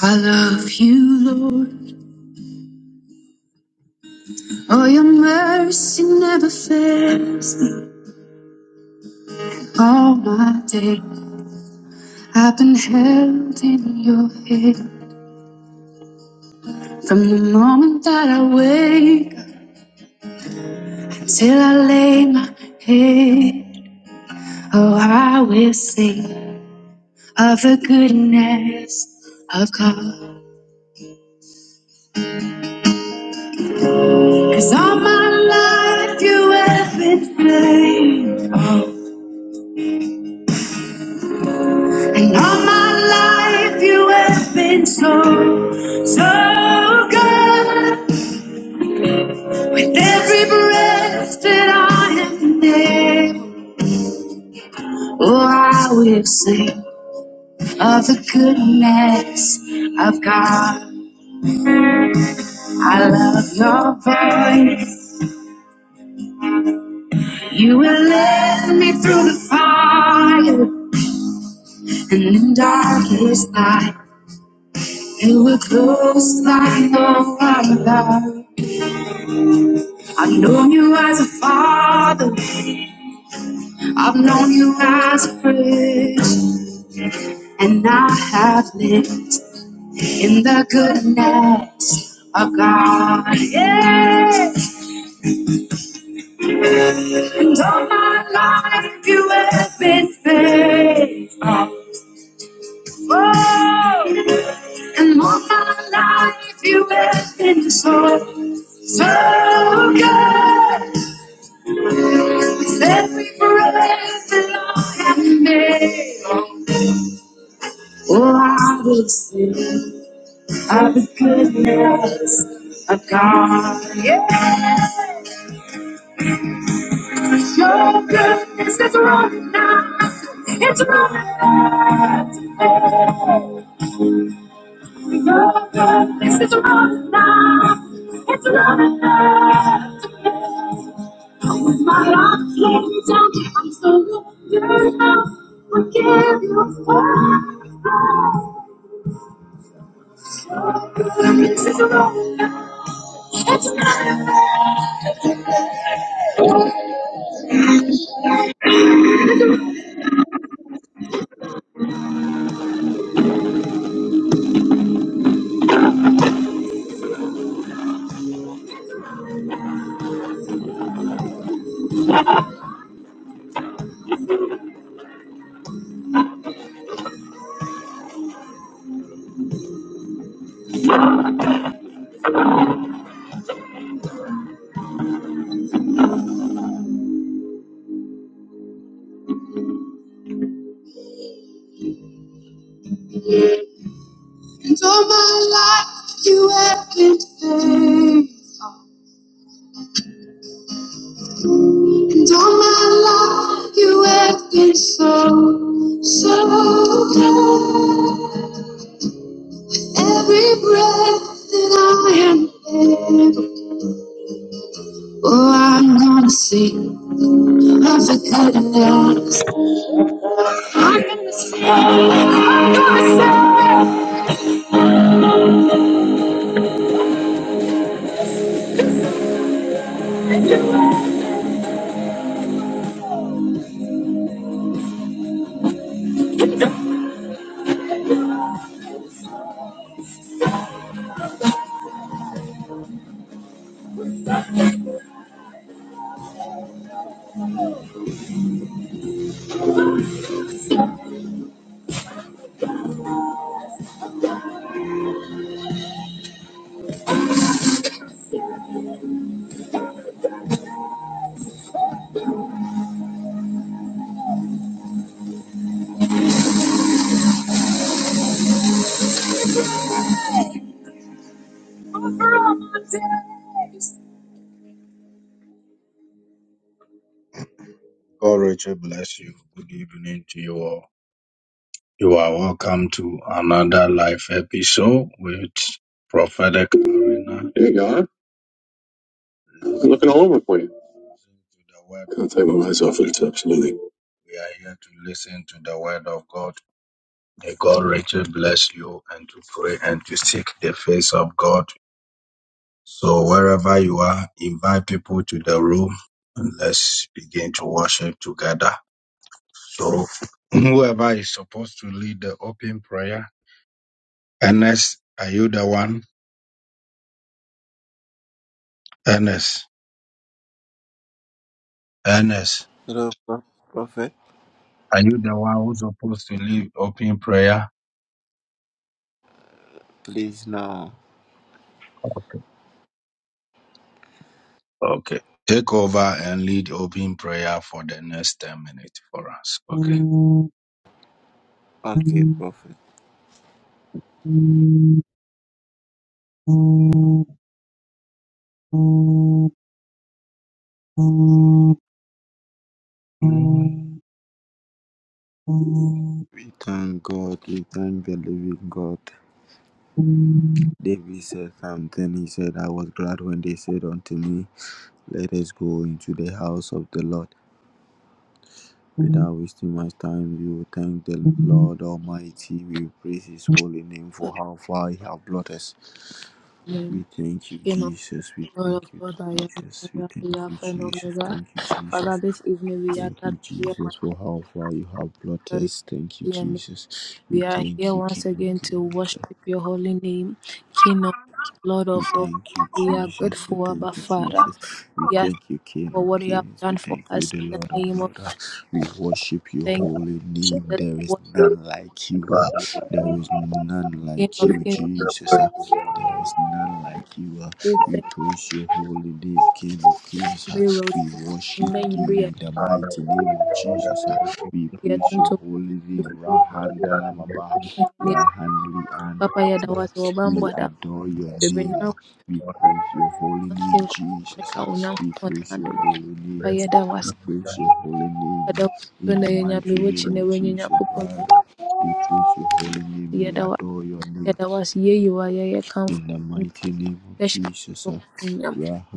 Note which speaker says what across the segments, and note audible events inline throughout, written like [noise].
Speaker 1: I love you, Lord, Oh, your mercy never fails me. All my day I've been held in your hand from the moment that I wake up till I lay my head. Oh, I will sing of the goodness of God. Cause all my life you have been faithful. And all my life you have been so, so good. With every breath that I am able, oh, I will sing of the goodness of God. I love your voice. You will lead me through the fire and in darkest night. You were close like no other. I know you as a father. I've known you as a friend, and I have lived in the goodness of God. Yeah. And all my life you have been faithful. Oh. And all my life you have been so, so good. With every breath that I have made, oh, I will sing of the goodness. of God. Yes, your goodness is running out. It's running out. today. Your goodness is running out. It's running out. today. With my life laid down, I'm still looking out. I give you praise. And all my life, you have been faithful. And all my life, you have been so, so good. Every breath that I am able, oh, I'm gonna sing of the goodness. I'm gonna sing over all my days. There you go. huh? I'm looking all over for you. Can't take my eyes off it. It's absolutely.
Speaker 2: Hello, Pro- Prophet. Please now. Okay, Prophet. We thank God. We thank the living God. David said something. He said, I was glad when they said unto me, Let us go into the house of the Lord. Without wasting much time, we will thank the Lord Almighty. We will praise His holy name for how far He has brought us.
Speaker 3: Amen.
Speaker 2: We thank you,
Speaker 3: King of Kings,
Speaker 2: Jesus. We
Speaker 3: Lord of
Speaker 2: thank you,
Speaker 3: Lords, I am that
Speaker 2: Jesus.
Speaker 3: I
Speaker 2: We
Speaker 3: am,
Speaker 2: thank
Speaker 3: the
Speaker 2: you,
Speaker 3: Alpha and
Speaker 2: Jesus.
Speaker 3: Omega.
Speaker 2: Thank you, Jesus.
Speaker 3: Father, this evening we are
Speaker 2: Thank
Speaker 3: gathered
Speaker 2: you,
Speaker 3: here
Speaker 2: Jesus,
Speaker 3: once
Speaker 2: for
Speaker 3: again.
Speaker 2: how far you have brought
Speaker 3: to glorify
Speaker 2: us. Thank you,
Speaker 3: your name.
Speaker 2: Jesus.
Speaker 3: We
Speaker 2: We
Speaker 3: are here
Speaker 2: thank you,
Speaker 3: once
Speaker 2: King of
Speaker 3: again to
Speaker 2: Kings.
Speaker 3: worship your holy name, King of Kings, Lord
Speaker 2: We
Speaker 3: of Lords.
Speaker 2: thank you,
Speaker 3: We are
Speaker 2: Jesus. We
Speaker 3: grateful,
Speaker 2: thank
Speaker 3: Abba
Speaker 2: you,
Speaker 3: Father.
Speaker 2: Jesus. We
Speaker 3: We
Speaker 2: thank
Speaker 3: ask
Speaker 2: you, King
Speaker 3: for
Speaker 2: of
Speaker 3: what you have
Speaker 2: Kings.
Speaker 3: done
Speaker 2: We
Speaker 3: for
Speaker 2: thank you,
Speaker 3: us in
Speaker 2: the
Speaker 3: the
Speaker 2: Lord of
Speaker 3: name of
Speaker 2: Lords. We worship your
Speaker 3: thank you.
Speaker 2: holy name.
Speaker 3: That's
Speaker 2: There is
Speaker 3: what you have,
Speaker 2: none like you. huh? There is none
Speaker 3: King
Speaker 2: like
Speaker 3: of
Speaker 2: you,
Speaker 3: Kings.
Speaker 2: Jesus. huh? There is none like you. huh?
Speaker 3: We
Speaker 2: We
Speaker 3: thank
Speaker 2: praise your holy name, King of Kings.
Speaker 3: you,
Speaker 2: huh?
Speaker 3: Miro.
Speaker 2: We worship
Speaker 3: Amen.
Speaker 2: you
Speaker 3: We are
Speaker 2: in the mighty name of Jesus. huh? We
Speaker 3: here
Speaker 2: praise
Speaker 3: to
Speaker 2: your
Speaker 3: to-
Speaker 2: holy name, Rahandala Maba,
Speaker 3: to- you.
Speaker 2: Rahandli
Speaker 3: Papa
Speaker 2: and
Speaker 3: Yadawas,
Speaker 2: we
Speaker 3: Obambwada,
Speaker 2: adore your name. We praise your holy name, Jesus.
Speaker 3: nkumanaya
Speaker 2: We
Speaker 3: Onyankopɔn
Speaker 2: praise your
Speaker 3: n'adom.
Speaker 2: holy
Speaker 3: Fa
Speaker 2: name.
Speaker 3: yɛda wo
Speaker 2: We
Speaker 3: ase.
Speaker 2: praise your holy name.
Speaker 3: Yɛda wo ase
Speaker 2: In
Speaker 3: o na
Speaker 2: the
Speaker 3: yɛnyame
Speaker 2: mighty
Speaker 3: w'akyi
Speaker 2: name
Speaker 3: na
Speaker 2: of
Speaker 3: w'anyi
Speaker 2: Jesus,
Speaker 3: Nyankopɔn
Speaker 2: Father. We praise your holy
Speaker 3: wiase.
Speaker 2: name. We
Speaker 3: Yɛda wo ase.
Speaker 2: adore your name.
Speaker 3: Yɛda
Speaker 2: In the mighty name of Jesus, uh,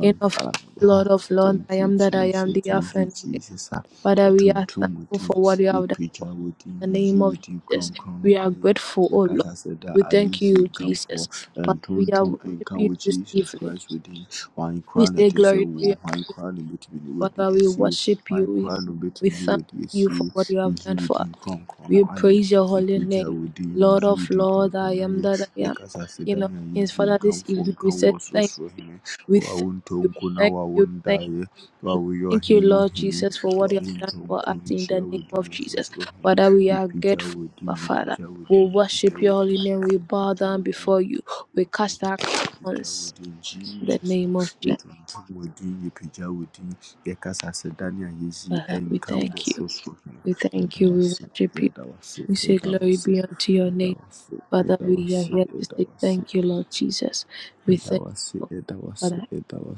Speaker 3: King of
Speaker 2: uh,
Speaker 3: kings, Lord of lords, I
Speaker 2: thank you,
Speaker 3: am that I am,
Speaker 2: Jesus,
Speaker 3: the
Speaker 2: thank
Speaker 3: Alpha
Speaker 2: you,
Speaker 3: and Omega.
Speaker 2: Jesus. uh,
Speaker 3: Father, we are
Speaker 2: Yɛtontom wo
Speaker 3: thankful
Speaker 2: din,
Speaker 3: for what you have done for us. In the name of Jesus,
Speaker 2: crown, crown.
Speaker 3: we are
Speaker 2: din,
Speaker 3: grateful, O
Speaker 2: yɛyi
Speaker 3: Lord.
Speaker 2: casa said that
Speaker 3: We
Speaker 2: I
Speaker 3: thank you,
Speaker 2: Yɛkasa come for
Speaker 3: Jesus.
Speaker 2: and
Speaker 3: Father, we are
Speaker 2: kamfo, ɛntontom nka
Speaker 3: worshiping you
Speaker 2: with
Speaker 3: this
Speaker 2: Jesus
Speaker 3: evening.
Speaker 2: Christ wo din. Hwan
Speaker 3: We say
Speaker 2: koraa a
Speaker 3: glory be
Speaker 2: war.
Speaker 3: unto
Speaker 2: sɛ crown, hwan
Speaker 3: you.
Speaker 2: koraa with the ne w'adi
Speaker 3: Father, we
Speaker 2: crown,
Speaker 3: worship you.
Speaker 2: hwan
Speaker 3: We,
Speaker 2: koraa with the
Speaker 3: we
Speaker 2: ne
Speaker 3: thank
Speaker 2: w'adi
Speaker 3: you for
Speaker 2: asie.
Speaker 3: what you have
Speaker 2: Yɛyi
Speaker 3: done
Speaker 2: crown,
Speaker 3: for us.
Speaker 2: din kronkron
Speaker 3: We
Speaker 2: ayɛ,
Speaker 3: praise your holy
Speaker 2: yɛpagya
Speaker 3: name.
Speaker 2: wo din,
Speaker 3: Lord
Speaker 2: yɛyi wo
Speaker 3: of
Speaker 2: din
Speaker 3: Lord, I
Speaker 2: kronkron
Speaker 3: am
Speaker 2: ayɛ
Speaker 3: that I am. King of
Speaker 2: yɛkasasedane a
Speaker 3: Kings,
Speaker 2: yɛyi
Speaker 3: Father, this
Speaker 2: nkamfo
Speaker 3: evening
Speaker 2: nka
Speaker 3: we
Speaker 2: wo
Speaker 3: said thank
Speaker 2: ɔsorosoro hene wo
Speaker 3: we
Speaker 2: a
Speaker 3: thank
Speaker 2: wontɔ
Speaker 3: you,
Speaker 2: nko na
Speaker 3: thank
Speaker 2: wo a
Speaker 3: you, thank
Speaker 2: wondaeɛ wo a
Speaker 3: you.
Speaker 2: woyɛ
Speaker 3: Thank
Speaker 2: ɔhene
Speaker 3: you,
Speaker 2: mu
Speaker 3: Lord
Speaker 2: hene
Speaker 3: Jesus, for
Speaker 2: wo
Speaker 3: what
Speaker 2: a
Speaker 3: you have done
Speaker 2: wontɔ
Speaker 3: for
Speaker 2: nko
Speaker 3: us
Speaker 2: no
Speaker 3: in the
Speaker 2: nhyira wo
Speaker 3: name
Speaker 2: din
Speaker 3: of Jesus.
Speaker 2: ɔsorosoro hene
Speaker 3: Father, we are
Speaker 2: yɛpagya wo
Speaker 3: grateful,
Speaker 2: din
Speaker 3: our Father.
Speaker 2: yɛpagya wo
Speaker 3: We
Speaker 2: din yɛpagya
Speaker 3: worship
Speaker 2: wo
Speaker 3: your
Speaker 2: din
Speaker 3: holy name. We bow
Speaker 2: yɛpagya wo
Speaker 3: down
Speaker 2: din
Speaker 3: before you. We cast our
Speaker 2: yɛpagya wo
Speaker 3: crowns
Speaker 2: din
Speaker 3: in the
Speaker 2: jesus
Speaker 3: name of Jesus.
Speaker 2: yɛtontom wo din yɛpagya wo din yɛkasasedane a
Speaker 3: Father,
Speaker 2: yɛyi
Speaker 3: we
Speaker 2: nka wo
Speaker 3: thank you.
Speaker 2: ɔsorosoro hene
Speaker 3: We
Speaker 2: yɛda
Speaker 3: thank you.
Speaker 2: wo
Speaker 3: We
Speaker 2: ase
Speaker 3: worship you.
Speaker 2: yɛda wo ase
Speaker 3: We say,
Speaker 2: yɛda wo
Speaker 3: Glory
Speaker 2: ase
Speaker 3: be unto your name.
Speaker 2: Edawasi,
Speaker 3: Father, we are
Speaker 2: Edawasi,
Speaker 3: here to say
Speaker 2: Edawasi,
Speaker 3: thank you, Lord Jesus. We thank
Speaker 2: Edawasi,
Speaker 3: you,
Speaker 2: Edawasi,
Speaker 3: Father,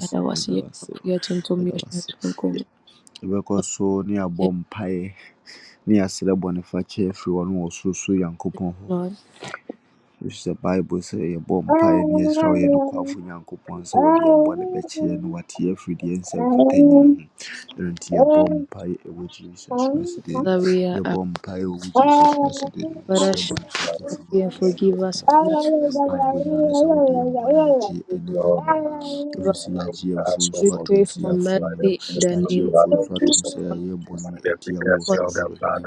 Speaker 3: that I was here for
Speaker 2: Edawasi,
Speaker 3: your gentle mission
Speaker 2: Edawasi.
Speaker 3: to come.
Speaker 2: Yɛbɛkɔ
Speaker 3: of
Speaker 2: so ni
Speaker 3: the
Speaker 2: abom mpaeɛ ni yɛasrɛ bɔnefakyɛ afiri wɔne wɔ sorosoro Nyankopɔn
Speaker 3: Lord,
Speaker 2: which the bible sɛ yɛbɔɔ mpaeɛ ne yɛsrɛ wo yɛne kwafo nyankopɔn sɛ wɔde yɛn bɔne bɛkyɛ yɛn na wate yɛn afiri deɛ ɛnsɛ mfata nyinaa
Speaker 1: [laughs]
Speaker 2: ho ɛno nti yɛbɔ mpaeɛ ɛwɔ jesus christ din mu
Speaker 3: Father, we are
Speaker 2: yɛbɔ
Speaker 3: asked,
Speaker 2: mpaeɛ ɛwɔ wo jesus christ din mu
Speaker 3: Father,
Speaker 2: yɛsrɛ
Speaker 3: show
Speaker 2: bɔne sɛ wɔte
Speaker 3: us
Speaker 2: firi
Speaker 3: mercy and
Speaker 2: wɔakosi
Speaker 3: forgive us
Speaker 2: nyankopɔn
Speaker 3: of
Speaker 2: hɔ
Speaker 3: that.
Speaker 2: yɛmpaebɔ nyinaa ne sɛ wode yɛn bɔne bɛkyɛ yɛn ɛne anwummerɛ
Speaker 3: evil.
Speaker 2: ɛfiri sɛ yɛagye yɛn mfo
Speaker 3: We
Speaker 2: nso atom
Speaker 3: pray
Speaker 2: sɛ
Speaker 3: for mercy
Speaker 2: yɛafom wɔ
Speaker 3: in the
Speaker 2: yɛagye
Speaker 3: name
Speaker 2: yɛn mfo nso atom sɛ
Speaker 3: of
Speaker 2: yɛayɛ bɔne atia wo
Speaker 3: God.
Speaker 2: ɔsorosoro hene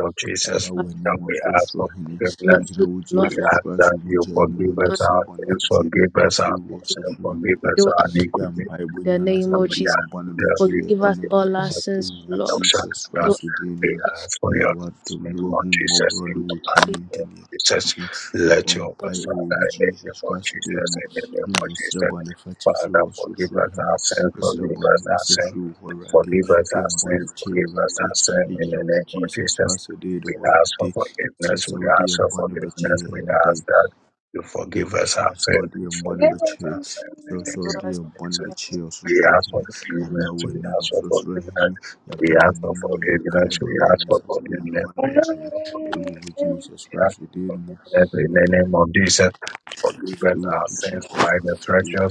Speaker 2: yɛaba
Speaker 3: For
Speaker 2: w'anim wɔ ɔsorosoro hene Egyina
Speaker 3: Mercy,
Speaker 2: wo
Speaker 3: Lord,
Speaker 2: Jesus Christ wo mogya yi anim ne
Speaker 3: on us.
Speaker 2: yɛsrɛ bɔne fakyɛ ɛfiri wɔ sorosoro Nyankopɔn hɔ.
Speaker 3: show us
Speaker 2: Yɛ mpaebɔ
Speaker 3: the
Speaker 2: nyinaa ne sɛ
Speaker 3: name of
Speaker 2: wɔde
Speaker 3: Jesus.
Speaker 2: yɛn bɔne bɛkyɛ yɛn
Speaker 3: Forgive us
Speaker 2: ɛnnɛ da
Speaker 3: all
Speaker 2: yi.
Speaker 3: our sins,
Speaker 2: Ɛwɔ wo
Speaker 3: Lord.
Speaker 2: Jesus
Speaker 3: Show
Speaker 2: Christ
Speaker 3: us,
Speaker 2: wo din no mu. Ɛyɛ w'adom ne w'ahummɔborɔ ne wo tumi
Speaker 3: the-
Speaker 2: nti ne yɛbɔ mpae ɛwɔ wo Jesus Christ wo din no mu. Ne yɛsrɛ bɔne fakyɛ ɛfiri wɔ sorosoro Hene. Yɛsrɛ bɔne fakyɛ ɛfiri wo hɔ Awurade. Hwɛ yɛn bɔne kyɛ yɛn Awurade. Egyina wo Jesus Christ wo din no mu Awurade. Sɛ sɛ wode yɛn bɔne bɛkyɛ yɛn ɛnnɛ da yi, sɛ sɛ wode yɛn bɔne bɛkyɛ yɛn, sɛ sɛ
Speaker 3: show
Speaker 2: wode
Speaker 3: us
Speaker 2: yɛn bɔne
Speaker 3: the-
Speaker 2: bɛkyɛ yɛn, Ɔsorosoro Hene. Yɛaba w'anim, ne sɛ wode yɛn bɔne bɛkyɛ yɛn. Ɛwɔ wo Jesus Christ wo din no mu. Ɛwɔ wo Jesus Christ wo din no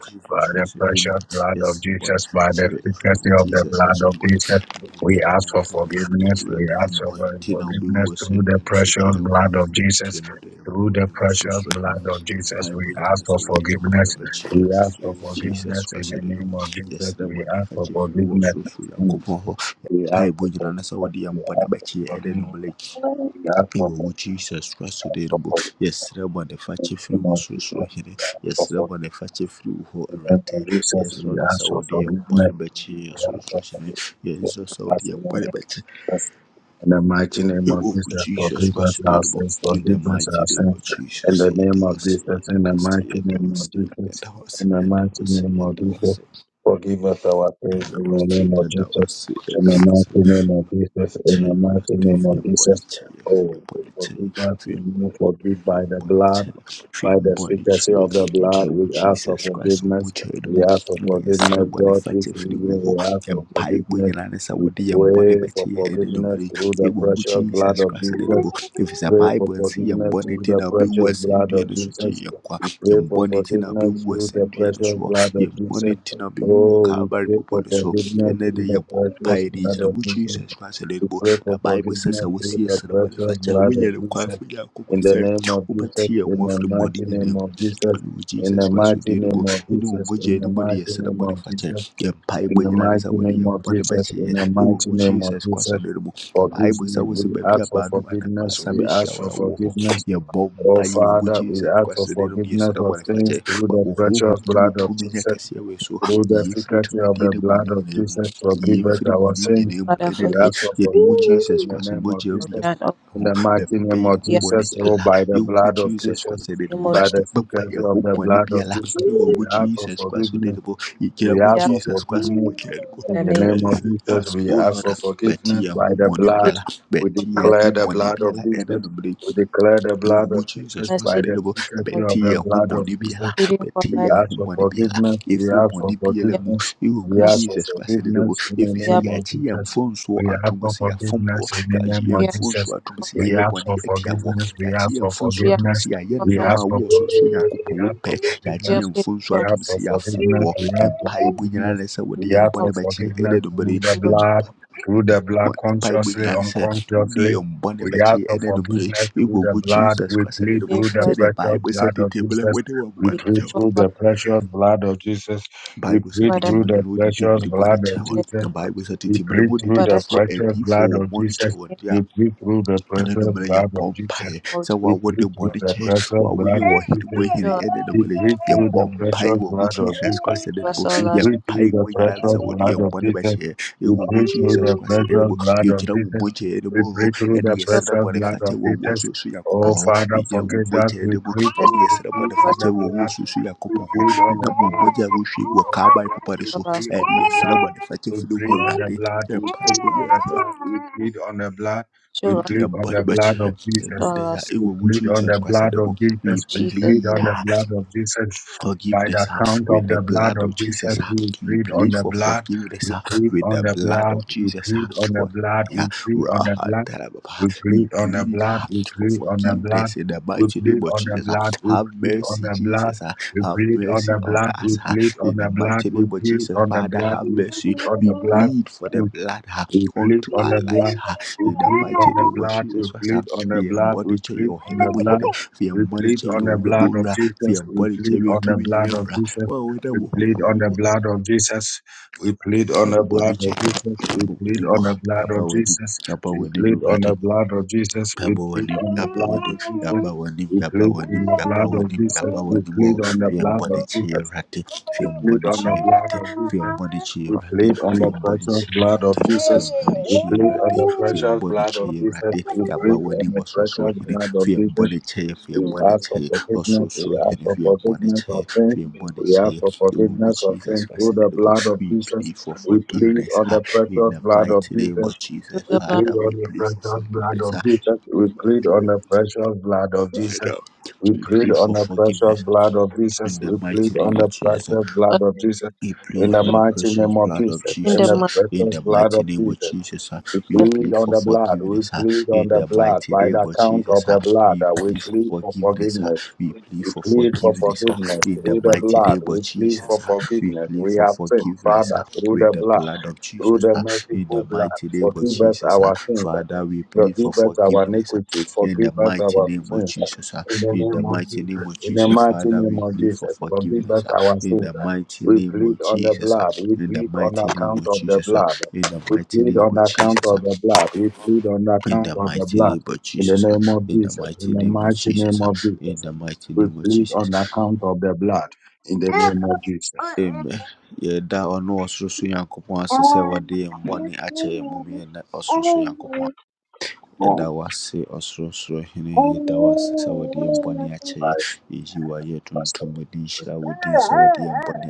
Speaker 2: Jesus Christ, you did not. Yes, the body fracture. If you with Jesus Christ, you good. I'm good. I'm good. Ready and born. Tina will be worse in the city of Quack. Tina, they are born in Mosul. And Pi Bridge is a woody and born of a chair. Jesus Christ, you did not. Yes, the body fracture flew or so. So you are Pai Bridge is a woody and born of a chair. And then the blake. Ewo wo Jesus Christ today bo yɛsrɛ bɔne fa kyɛ firi wɔ sorosoro hene yɛsrɛ bɔne fa kyɛ firi wo hɔ awurade yɛsrɛ no sɛ wode yɛn bɔne bɛkye yɛn sorosoro hene yɛsrɛ sɛ wode yɛn bɔne bɛkye ɛwɔ wo Jesus Christ today bo in the mighty name of Jesus yɛda wo ase yɛda wo ase yɛda wo ase yɛda wo ase yɛda wo ase yɛda wo ase yɛda wo ase yɛda wo ase yɛda wo ngyina wo jesus christ ɔmogyina no mu ne yɛserɛ bɔne fakyɛ firi wo hɔ You nyinaa ne sɛ wode yɛn bɔne bɛkyɛ yɛ ɛne nommere yi ɛwɔ wo jesus christ ne no If it's a bible and nse yɛn bɔne nti na wobɛwu asɛnnua no so gye yɛn kwa yɛn I'll be worse asɛnnua no so hɔ yɛn bɔne nti na wobɛwu wɔ calvary bepɔ no so and then they are one piety to the Lord Jesus Christ and the Bible says I will see a son of God if I tell when you're quiet for Jacob I say over here one of the body in the Jesus Christ odie no mu ne wo mogya no mu ne yɛsrɛ bɔnefakyɛ yɛmpaebɔ nyina ne sɛ wode yɛmbɔne bɛkyɛ yɛn ɛwɔ mu Jesus Christ odie no mu ɛmpaebɔ sɛ wo sɛ baabi a baanu anaa baasa bɛhyia wo na wowɔ hɔ yɛbɔ mpae wɔ mu Jesus Christ odie no mu yɛsrɛ bɔnefakyɛ ma wo honhom ne wo tumi nyɛ kɛseɛ wɔ yɛn so yɛmfiri tumidie ne bɔne nyinaa mu yɛmfiri bɔne nyinaa mu
Speaker 3: Father,
Speaker 2: ɛnɛ
Speaker 3: forgive
Speaker 2: dɛ yɛde wo Jesus Christ mogya no
Speaker 3: of
Speaker 2: mu
Speaker 3: that.
Speaker 2: yɛpopɛ
Speaker 3: Oh,
Speaker 2: yɛn ho yɛpopɛ yɛn ho
Speaker 3: we are in
Speaker 2: you yɛwɔ jesus christ ne
Speaker 3: the
Speaker 2: de
Speaker 3: name
Speaker 2: mu
Speaker 3: of Jesus.
Speaker 2: bɛpa yɛho bɔne biara yɛwɔ jesus christ ne you mu yɛgyina
Speaker 3: We are
Speaker 2: jesus christ mogya no mu
Speaker 3: in the name.
Speaker 2: cleanse us o lord bɛte yɛn ho bɔne
Speaker 3: We are
Speaker 2: biara
Speaker 3: for
Speaker 2: bɛte yɛn
Speaker 3: mercy.
Speaker 2: ho bɔne biara ɛne ɛwɔ
Speaker 3: We
Speaker 2: wo jesus
Speaker 3: are for
Speaker 2: christ
Speaker 3: mercy. In the
Speaker 2: ɛdeɛ
Speaker 3: name
Speaker 2: bɔ
Speaker 3: of Jesus.
Speaker 2: bɛte yɛn ho bɔne biara
Speaker 3: Pleading for
Speaker 2: bɛte
Speaker 3: mercy.
Speaker 2: yɛn ho bɔne biara ɛfiri bɔne biara
Speaker 3: We are
Speaker 2: mu ɛwɔ wo
Speaker 3: for mercy.
Speaker 2: jesus christ ɛdeɛ If you
Speaker 3: We
Speaker 2: say
Speaker 3: are pleading.
Speaker 2: yɛagye yɛn mfonsoɔ ato mu sɛ yɛafom wɔ yɛagye yɛn
Speaker 3: We are
Speaker 2: mfonsoɔ ato mu
Speaker 3: for,
Speaker 2: sɛ yɛayɛ bɔne atia wɔ yɛagye yɛn
Speaker 3: we
Speaker 2: mfonsoɔ
Speaker 3: are
Speaker 2: ya mu sɛ yɛayɛ
Speaker 3: for mercy.
Speaker 2: nneɔma a wowɔ sorosoro nyankopɔn wo pɛ yɛagye
Speaker 3: We are
Speaker 2: yɛn
Speaker 3: pleading
Speaker 2: mfonsoɔ
Speaker 3: for mercy.
Speaker 2: ato mu sɛ yɛafom wɔ ɛmpaeɛbɔ nyinaa ne sɛ wode
Speaker 3: Pleading
Speaker 2: yɛn
Speaker 3: for
Speaker 2: bɔne
Speaker 3: mercy.
Speaker 2: bɛkye yɛn ɛdɛ dɔbɛre
Speaker 3: Lord
Speaker 2: yɛn
Speaker 3: Jesus.
Speaker 2: Bible nyinaa sɛ wodii yɛn bɔne and then ɛna anwummerɛ yi yɛwɔ wo
Speaker 3: We
Speaker 2: Jesus Christ animu
Speaker 3: give mercy.
Speaker 2: the Bible sɛ tete mmerɛ wode wɔn
Speaker 3: We
Speaker 2: bɔne kyɛ wo.
Speaker 3: ask for
Speaker 2: Bible set the
Speaker 3: forgiveness.
Speaker 2: table, and no wode David the kyɛ wɔn. The Bible set the table, sɛ tete mmerɛ mu wode
Speaker 3: Father,
Speaker 2: tetefoɔ
Speaker 3: show
Speaker 2: adiyifoɔ wɔn bɔne kyɛ
Speaker 3: me
Speaker 2: yeah ananumere yɛ bɔ mpaeɛ sɛ
Speaker 3: mercy.
Speaker 2: woawo ne bɔne kyɛ woawo yɛ wɔ hene mu hene
Speaker 3: Show
Speaker 2: ɛne nomere yɛ bɔ mpaeɛ wɔ wo jesus christ ne no
Speaker 3: us
Speaker 2: mu
Speaker 3: all our
Speaker 2: yɛ
Speaker 3: sins.
Speaker 2: mpae mu nyinaa ne sɛ wode yɛ bɔne bɛkyɛɛ ɛwɔ wo wu jesus christ ne no mu yɛgyina wo mogyaɛ no mu o, ɛne
Speaker 3: Show
Speaker 2: yɛserɛ bɔne fakyɛ wɔ wo ɔsoso nyankopɔn
Speaker 3: us
Speaker 2: hɔ yɛgyina wo mogyaɛ no mu
Speaker 3: mercy.
Speaker 2: ɛne yɛserɛ bɔne fakyɛ wɔ wo ɔsoso nyankopɔn hɔ ɛnam wo
Speaker 3: Show us
Speaker 2: mogya a wohwie gu wɔ kaabae papa no
Speaker 3: all
Speaker 2: so
Speaker 3: our sins.
Speaker 2: ɛne yɛserɛ bɔne fakyɛ firi hɔ awurade yɛ mpae mu nyinaa
Speaker 3: Show us
Speaker 2: to their body, but they, the
Speaker 3: all
Speaker 2: day,
Speaker 3: our sins.
Speaker 2: it will Jesus Christ, and
Speaker 3: In
Speaker 2: we
Speaker 3: Jesus'
Speaker 2: plead.
Speaker 3: name.
Speaker 2: ah, Forgiveness uh, with the blood of Jesus. Uh, you plead for forgiveness uh, with the blood of Jesus. Uh, for, yeah, Rahadarababa. we plead uh, for forgiveness in the mighty name of Jesus. Uh, have mercy, Jesus. Uh, have mercy on us. Uh, in the mighty name of Jesus, Father, have mercy. We plead for the blood uh, unto our lives. Uh, in the mighty name of Jesus, Father, we monitor your enemy. We monitor your rebel. ah viambwani chetu vinirevura waona muhuhu ari mbona chetu ambawani ambawani ambawani murate Yabawanim, Yabawanim, Yabawanim, Yabawanim, Yabawanim, Yabawanim, oh, Fiamboni Chirati, Fiamboni Chirati, Fiamboni
Speaker 3: Therefore,
Speaker 2: Chirati, Fiamboni Chirati, Fiamboni Chirati, Fiamboni
Speaker 3: show us
Speaker 2: Chirati, Yabawanim was so hidden, Fiamboni Chair,
Speaker 3: mercy.
Speaker 2: Fiamboni Chair, also so hidden, Fiamboni Chair, Fiamboni Chair, the will Jesus Christ and the Lord, We plead for forgiveness, ha, in the mighty name of
Speaker 3: through
Speaker 2: Jesus,
Speaker 3: the blood of
Speaker 2: Father, we plead for forgiveness, Dear mighty name, I now we
Speaker 3: Jesus,
Speaker 2: pray for forgiveness in the mighty name of Jesus.
Speaker 3: blood
Speaker 2: We plead for the precious blood of
Speaker 3: in the
Speaker 2: Jesus uh,
Speaker 3: mighty
Speaker 2: in the mighty name of Jesus. uh, we
Speaker 3: name of
Speaker 2: plead for forgiveness uh, in the mighty name of Jesus. uh, we plead for forgiveness. uh, we plead for forgiveness uh, in the mighty name of Jesus. uh, we plead for forgiveness uh, with the blood of Jesus uh, in the mighty name of Jesus. uh, Father, we plead for forgiveness uh, in the mighty name of Jesus. uh, in the mighty name of Jesus, Father, we plead for forgiveness. uh, in the mighty name of Jesus. ah. In the mighty name of Jesus. ah. In the mighty name of Jesus. ah. In the mighty name of Jesus. ah. In the mighty name of Jesus. ah. In the mighty name of Jesus. Amen. yɛda ɔno ɔsorosoro nyankopɔn ase sɛ wɔde yɛn bɔne akyɛ yɛn mom yɛn ɔsorosoro nyankopɔn Yɛda wo ase Ɔsorosoroni, yɛda wo ase sɛ wode yɛn bɔne akyɛ yɛn. Yeyi wo ayɛ tuntum, wo din hyira wo din sɛ wode yɛn bɔne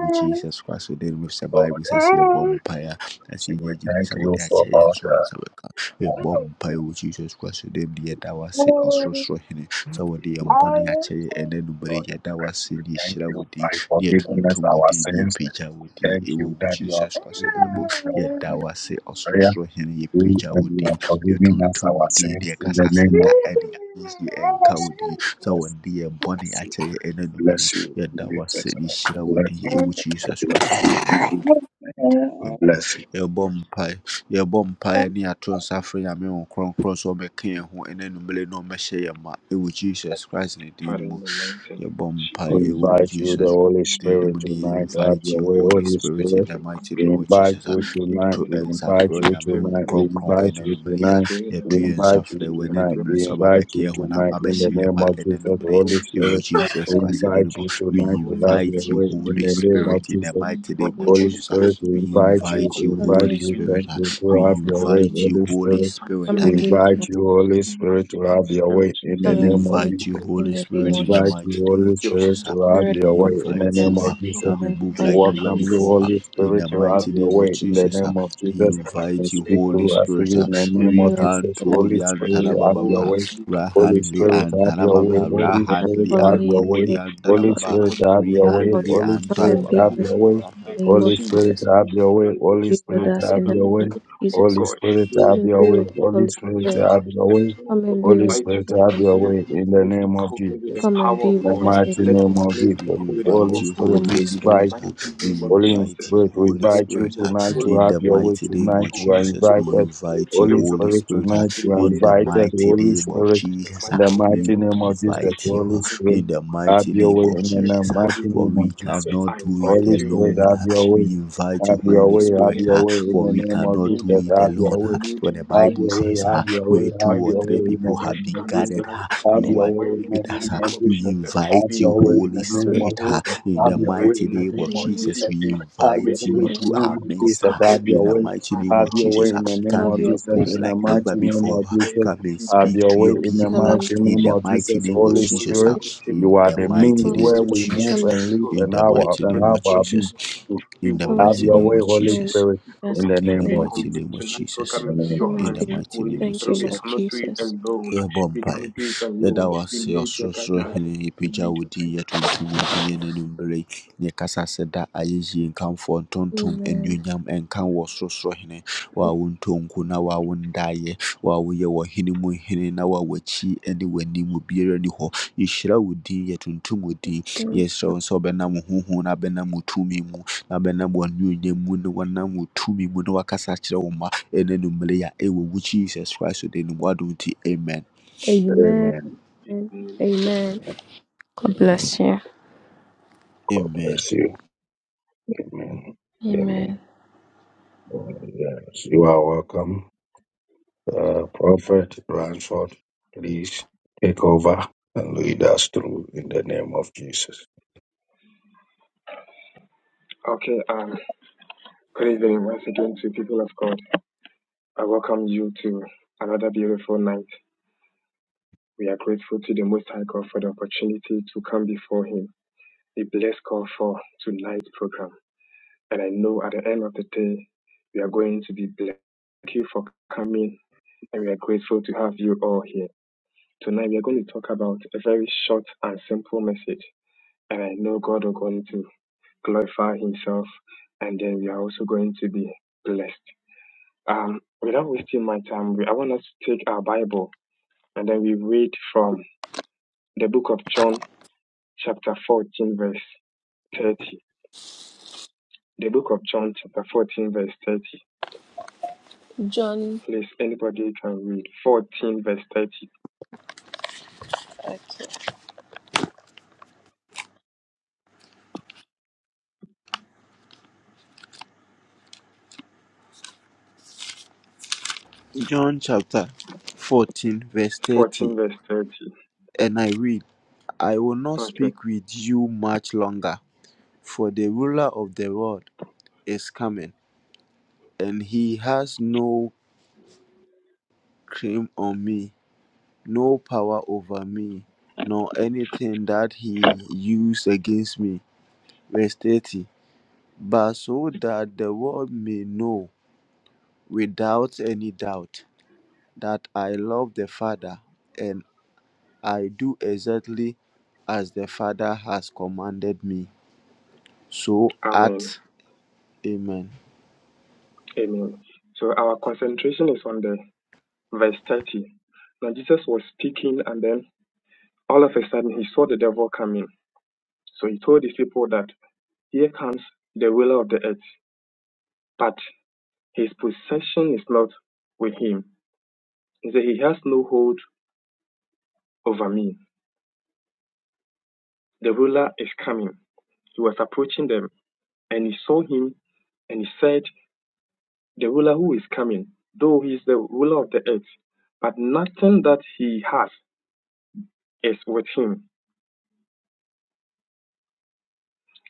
Speaker 2: wo Jesus Christ din mu sɛ Bible sɛ sɛ yɛbɔ
Speaker 1: Thank
Speaker 2: mpaeɛ a, na sɛ yɛnya gyidi sɛ wode akyɛ yɛn so I a yɛn nsa bɛka. Yɛbɔ mpaeɛ wɔ Jesus Christ din mu. Yɛda wo ase Ɔsorosoroni sɛ wode yɛn bɔne akyɛ yɛn ɛnnɛ anwummere yi. Yɛda wo ase na yɛhyira wo din, na yɛtontom wo din, na yɛpagya wo Jesus Christ yɛ dawase ɔsorosoro hene yɛ pirikya wo din yɛ tuntum wo din ne yɛ kasa seta edi ayesi enka wodi so wodi ye boni ache ye ene numri ye dawa se da ɛne ayɛyi ɛnka wo din sɛ wɔnde yɛ bɔne akyɛ yɛ ɛna numere yɛ dawase ne hyira wo din ɛwɔ jesus christ de no mu yɛbɔ mpae yɛbɔ mpae ne ato nsa frɛ nyame wo kronkron sɛ ɔmɛka yɛn ho ɛna numere na ɔmɛhyɛ yɛn ma ɛwɔ jesus christ ne din no Yɛbɔ mpaeɛ ɛwɔ wo Jesus Christ. din invite you, Holy Spirit, in the mighty name of Jesus. a Yɛto nsa and Onyame Honhom Kronkron ɛna anwummere yi a yɛto yɛn nsa frɛ wo ɛna anwummere sɛ ɔba abɛka yɛn ho na aba abɛhyɛ yɛn ma ɛna anwummere yi ɛwɔ Jesus Christ ɛna mu. We invite you, Holy
Speaker 3: the Lord. Come and
Speaker 2: Spirit, in the mighty name
Speaker 3: be
Speaker 2: of
Speaker 3: with us.
Speaker 2: Jesus. a We invite you,
Speaker 3: Come
Speaker 2: Holy
Speaker 3: and
Speaker 2: Spirit. a We invite you, Holy Spirit.
Speaker 3: come
Speaker 2: Ah,
Speaker 3: and be with us. Come
Speaker 2: we
Speaker 3: and be with us
Speaker 2: invite you,
Speaker 3: in
Speaker 2: Holy
Speaker 3: the name
Speaker 2: Spirit,
Speaker 3: of
Speaker 2: in the
Speaker 3: Jesus.
Speaker 2: mighty name of Jesus. ah. We
Speaker 3: Spirit, come and be
Speaker 2: invite
Speaker 3: with us.
Speaker 2: you. ah.
Speaker 3: Come
Speaker 2: Come
Speaker 3: and
Speaker 2: and move
Speaker 3: upon
Speaker 2: like
Speaker 3: your name.
Speaker 2: never before. ah. In the mighty name of Jesus. ah. We invite you, Holy Spirit. ah.
Speaker 3: Come and be with us.
Speaker 2: Rihandoli
Speaker 3: Come and be with
Speaker 2: antalababa. Rahandli antalababa.
Speaker 3: us. We are
Speaker 2: Rahandli
Speaker 3: calling your
Speaker 2: antoli
Speaker 3: name, Lord.
Speaker 2: antalababa.
Speaker 3: We are calling.
Speaker 2: Rihandli
Speaker 3: Come and be
Speaker 2: antalababa.
Speaker 3: with us in the name of Jesus. Be with us in the name of Jesus. Come and be with us, Holy Spirit. Come and be with us. In the, come and be with us
Speaker 2: We invite you,
Speaker 3: in the
Speaker 2: Holy
Speaker 3: mighty name
Speaker 2: Spirit. uh, We
Speaker 3: of
Speaker 2: invite you, Holy Spirit. uh, In the mighty name of Jesus, we invite you, Holy Spirit. uh, In the mighty name of Jesus, uh, we invite you. uh, In the mighty name of Jesus, uh, for we cannot do it alone. uh, We invite you, Holy Spirit, uh, for we cannot do it alone. uh, When the
Speaker 3: Jesus.
Speaker 2: Bible says, uh, where two or three people have been
Speaker 3: Have your
Speaker 2: gathered, uh,
Speaker 3: hand and
Speaker 2: you are with us. ah. We invite you, Holy
Speaker 3: spirit
Speaker 2: Spirit, ah,
Speaker 3: be
Speaker 2: in
Speaker 3: with
Speaker 2: the
Speaker 3: you
Speaker 2: mighty name
Speaker 3: in the
Speaker 2: of
Speaker 3: name of
Speaker 2: Jesus.
Speaker 3: Jesus.
Speaker 2: We invite you
Speaker 3: Holy
Speaker 2: into
Speaker 3: Spirit,
Speaker 2: our midst
Speaker 3: come and
Speaker 2: ah,
Speaker 3: be.
Speaker 2: in the mighty name of Jesus. ah.
Speaker 3: Have
Speaker 2: Come and
Speaker 3: your
Speaker 2: move
Speaker 3: way
Speaker 2: like never before. ah. Come and speak to your
Speaker 3: and
Speaker 2: people
Speaker 3: come
Speaker 2: ah,
Speaker 3: and be
Speaker 2: in
Speaker 3: in
Speaker 2: the mighty name of
Speaker 3: the name
Speaker 2: Jesus.
Speaker 3: of
Speaker 2: ah.
Speaker 3: Jesus.
Speaker 2: In the mighty
Speaker 3: Holy
Speaker 2: name of
Speaker 3: Spirit, come and
Speaker 2: Jesus.
Speaker 3: be
Speaker 2: In the
Speaker 3: with us.
Speaker 2: mighty name of Jesus. In the
Speaker 3: Holy
Speaker 2: mighty
Speaker 3: Spirit,
Speaker 2: name of
Speaker 3: come and be
Speaker 2: Jesus.
Speaker 3: with us
Speaker 2: In the
Speaker 3: in the name.
Speaker 2: mighty name of Jesus.
Speaker 3: Come
Speaker 2: In
Speaker 3: and
Speaker 2: the
Speaker 3: be with us.
Speaker 2: mighty name of
Speaker 3: Thank you, Lord
Speaker 2: Jesus.
Speaker 3: Jesus.
Speaker 2: Yɛbɔ mpaeɛ. Yɛda wo ase, ɔsorosoro Hene. Yɛpagya wo din, yɛtonto wo din, yɛn anwummerɛ yi. Na yɛkasa sɛ da ayɛyie, nkamfo, ntontom,
Speaker 3: Amen.
Speaker 2: anuonyam ɛnka wo ɔsorosoro Hene. Wo a wontɔ nko na wo a wondaeɛ. Wo a woyɛ w'ɔhene mu hene na wo a w'akyi ne w'anim obiara nni hɔ. Yɛhyira wo din, yɛtontom wo din. Na yɛsrɛ wo sɛ wobɛnam wo honhom na wobɛnam wo tumi mu, na wobɛnam w'anuonyam mu, na wɔnam wo tumi mu na wakasa akyerɛ wo mma ɛne anwummerɛ yi a ɛwɔ wo jesus christ de no wado nti amen
Speaker 3: Amen. Amen. God bless you.
Speaker 2: amen
Speaker 3: Amen.
Speaker 4: Upon putting
Speaker 5: Been.
Speaker 4: our another bill night, we are grateful to him before tonight's program. And I say we Thank you for coming and we feel here to know about simple message and to glorify us and then to be blessed. Um, without wasting my time, I want us to take our
Speaker 3: John. Okay.
Speaker 2: john chapter 14 verse 30 and i read i will not speak with you much longer for the ruler of the world is coming and he has no claim on me no power over me nor anything that he used against me verse 30 but so that the world may know without any doubt that I love the Father and I do exactly as the Father has commanded me. So
Speaker 4: Amen.
Speaker 2: act. Amen.
Speaker 4: Amen. So our concentration is on the verse 30. Now Jesus was speaking and then all of a sudden he saw the devil coming. So he told his people that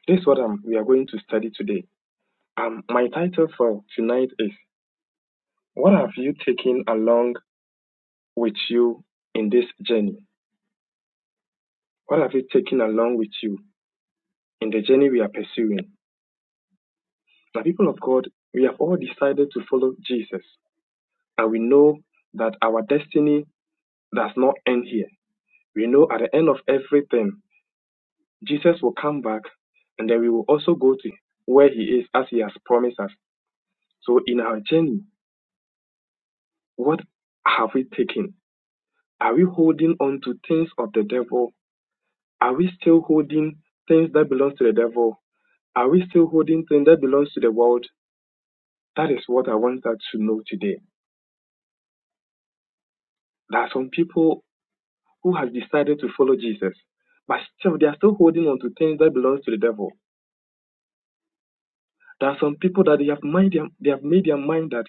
Speaker 4: this um we are the mind. What have you taken along with you in this journey? What are you in the pursuing? My people, God, we have all decided to follow Jesus, and we know that our destiny. That's, there are some people that they have mind, they have made their mind that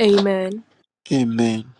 Speaker 3: Amen.
Speaker 2: Amen.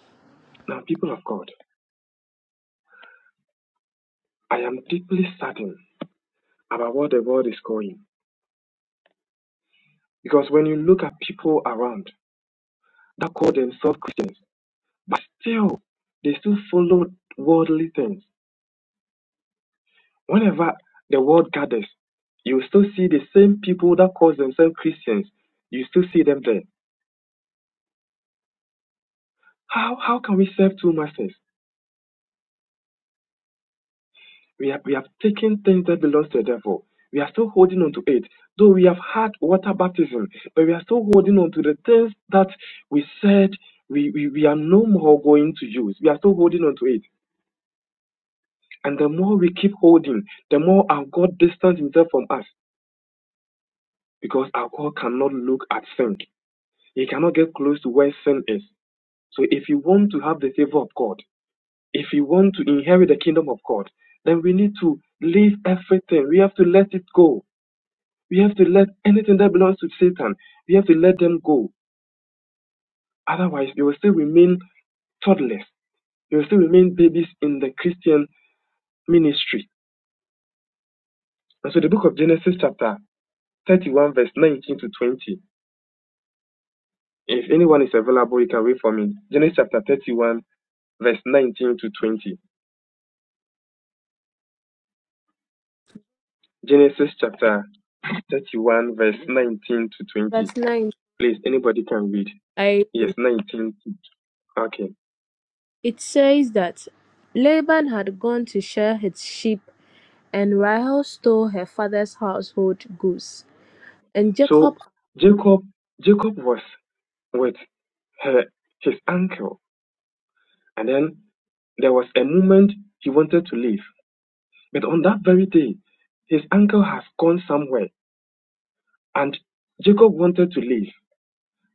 Speaker 4: we have, we have taken things that belongs to the devil. We are still holding on to it, though we have had water baptism, but we are still holding on to the things that we said we, we, we are no more going to use. We are still holding on to it. And the more we keep holding, the more our God distance himself from us because our God cannot look at sin. He cannot get close to where sin is. So if you want to have the favor of God, if you want to inherit the kingdom of God, then we need to leave everything. We have to let it go. We have to let anything that belongs to Satan, we have to let them go. Otherwise, they will still remain toddlers. They will still remain babies in the Christian ministry. And so the book of Genesis chapter 31 verse 19 to 20 If anyone is available, you can read for me. Genesis chapter 31, verse 19 to 20. Genesis chapter 31, verse 19 to
Speaker 3: Verse
Speaker 4: 20.
Speaker 3: 9.
Speaker 4: Please, anybody can read.
Speaker 3: I read.
Speaker 4: Yes, 19. Okay.
Speaker 3: It says that Laban had gone to shear his sheep and Rahel stole her father's household goods and Jacob
Speaker 4: So Jacob, Jacob was with her, his uncle, and then there was a moment he wanted to leave. But on that very day, his uncle has gone somewhere, and Jacob wanted to leave.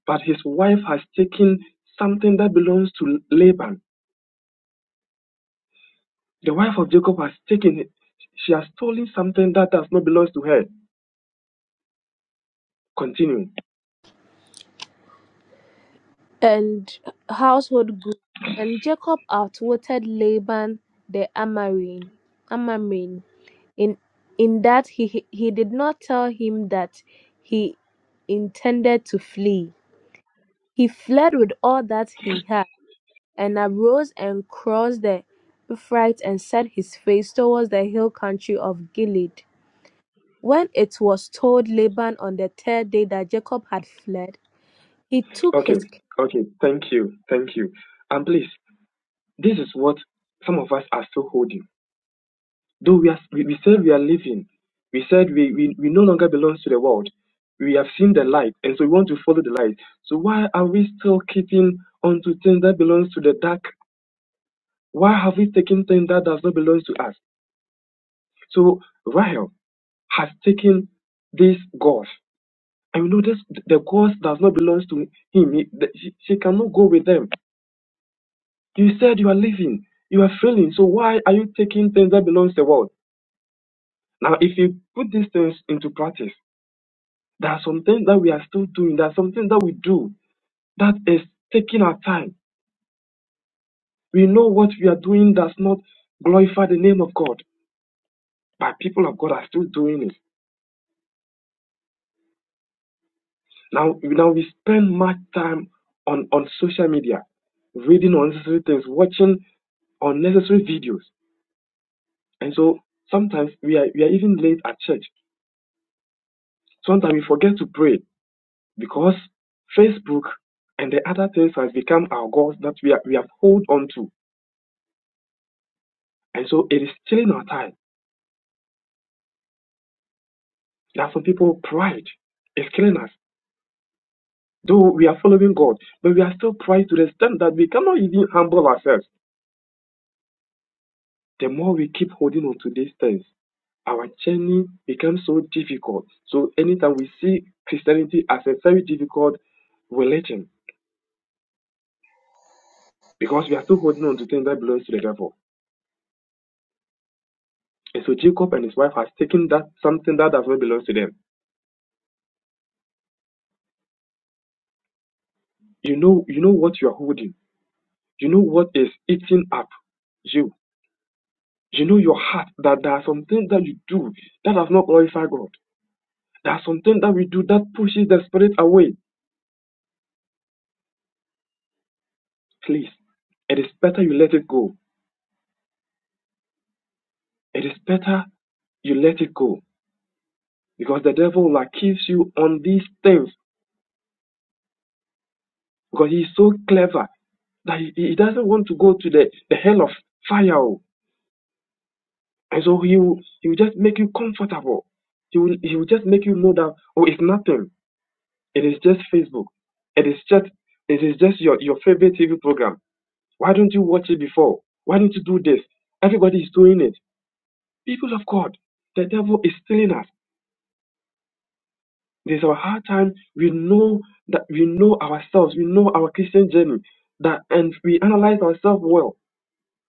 Speaker 4: But his wife has taken something that belongs to Laban. The wife of Jacob has taken it. She has stolen something that does not belong to her. Continue.
Speaker 3: and household goods and Jacob outwitted Laban the Amarine, Amarine in in that he he did not tell him that he intended to flee. He fled with all that he had and arose and crossed the Euphrates and set his face towards the hill country of Gilead. When it was told Laban on the third day that Jacob had fled, he took his
Speaker 4: Okay.
Speaker 3: cloak.
Speaker 4: Okay. Thank you. Thank you. And please, this is what some of us are still holding. Though we, are, we, we said we are living, we said we, we, we no longer belong to the world. We have seen the light, and so we want to follow the light. So why are we still keeping on to things that belongs to the dark? Why have we taken things that does not belong to us? So Rahel has taken this gods. And you know, this the gods does not belong to him. He, the, she, she cannot go with them. You said you are leaving. You are failing. So why are you taking things that belongs to the world? Now, if you put these things into practice, there are some things that we are still doing. There are some things that we do that is taking our time. We know what we are doing does not glorify the name of God, but people of God are still doing it. Now, now we spend much time on, on social media, reading unnecessary things, watching unnecessary videos. And so sometimes we are, we are even late at church. Sometimes we forget to pray because Facebook and the other things has become our gods that we, are, we have hold on to. And so it is killing our time. There are some people, pride is killing us. Though we are following God, but we are still pride to the extent that we cannot even humble ourselves. The more we keep holding on to these things, our journey becomes so difficult. So anytime we see Christianity as a very difficult religion, because we are still holding on to things that belongs to the devil. And so Jacob and his wife has taken that something that does not belong to them. You know, you know what you are holding. You know what is eating up you. You know your heart that there are some things that you do that does not glorify God. There are some things that we do that pushes the spirit away. Please, it is better you let it go. It is better you let it go because the devil like keeps you on these things because he's so clever that he, he doesn't want to go to the, the hell of fire. oh. And so he will, he will just make you comfortable. He will, he will just make you know that, oh, it's nothing. It is just Facebook. It is just, it is just your, your favorite TV program. Why don't you watch it before? Why don't you do this? Everybody is doing it. People of God, the devil is stealing us. It is our hard time. We know that we know ourselves. We know our Christian journey. That and we analyze ourselves well.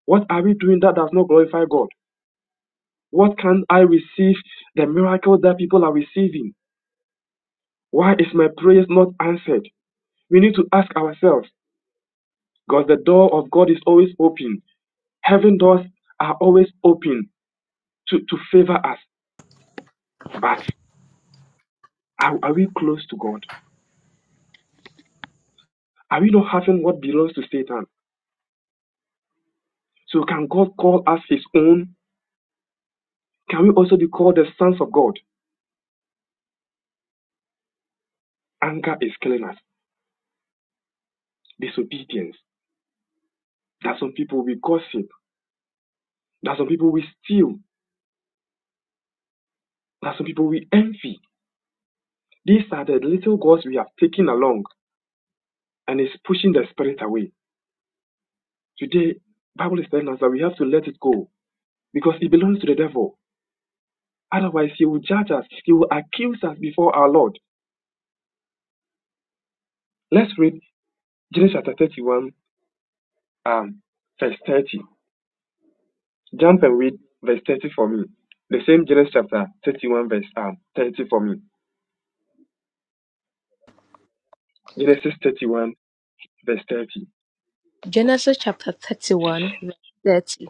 Speaker 4: What are we doing that does not glorify God? What can I receive the miracles that people are receiving? Why is my prayers not answered? We need to ask ourselves because the door of God is always open. Heaven doors are always open to, to favor us. But are, are we close to God? Are we not having what belongs to Satan? So can God call us his own? Can we also be called the sons of God? Anger is killing us. Disobedience. That some people we gossip. That some people we steal. That some people we envy. These are the little gods we have taken along and it's pushing the spirit away. Today, the Bible is telling us that we have to let it go because it belongs to the devil. Otherwise, he will judge us. He will accuse us before our Lord. Let's read Genesis chapter 31, um, verse 30. Jump and read verse 30 for me. The same Genesis chapter 31, verse um, 30 for me. Genesis 31, verse 30.
Speaker 3: Genesis chapter 31, verse 30.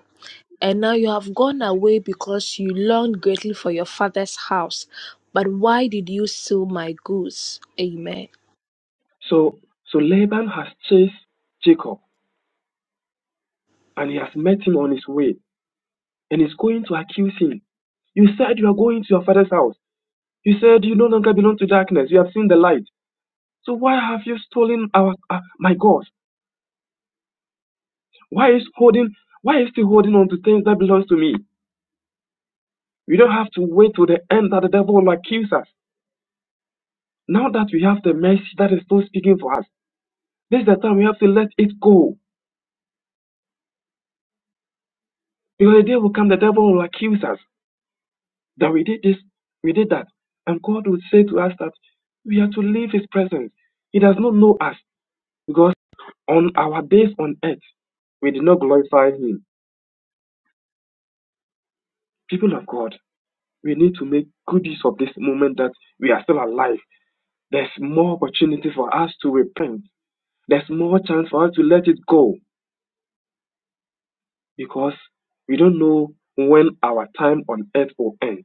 Speaker 3: And now you have gone away because you longed greatly for your father's house. But why did you steal my goods? Amen.
Speaker 4: So, so Laban has chased Jacob and he has met him on his way and is going to accuse him. You said you are going to your father's house. You said you no longer belong to darkness. You have seen the light. So why have you stolen our, uh, my God? Why is holding, why is he holding on to things that belongs to me? We don't have to wait till the end that the devil will accuse us. Now that we have the mercy that is still speaking for us, this is the time we have to let it go. Because the day will come, the devil will accuse us. that we did this, we did that. And God would say to us that we are to leave His presence. He does not know us because on our days on earth, we did not glorify Him. People of God, we need to make good use of this moment that we are still alive. There's more opportunity for us to repent, there's more chance for us to let it go because we don't know when our time on earth will end.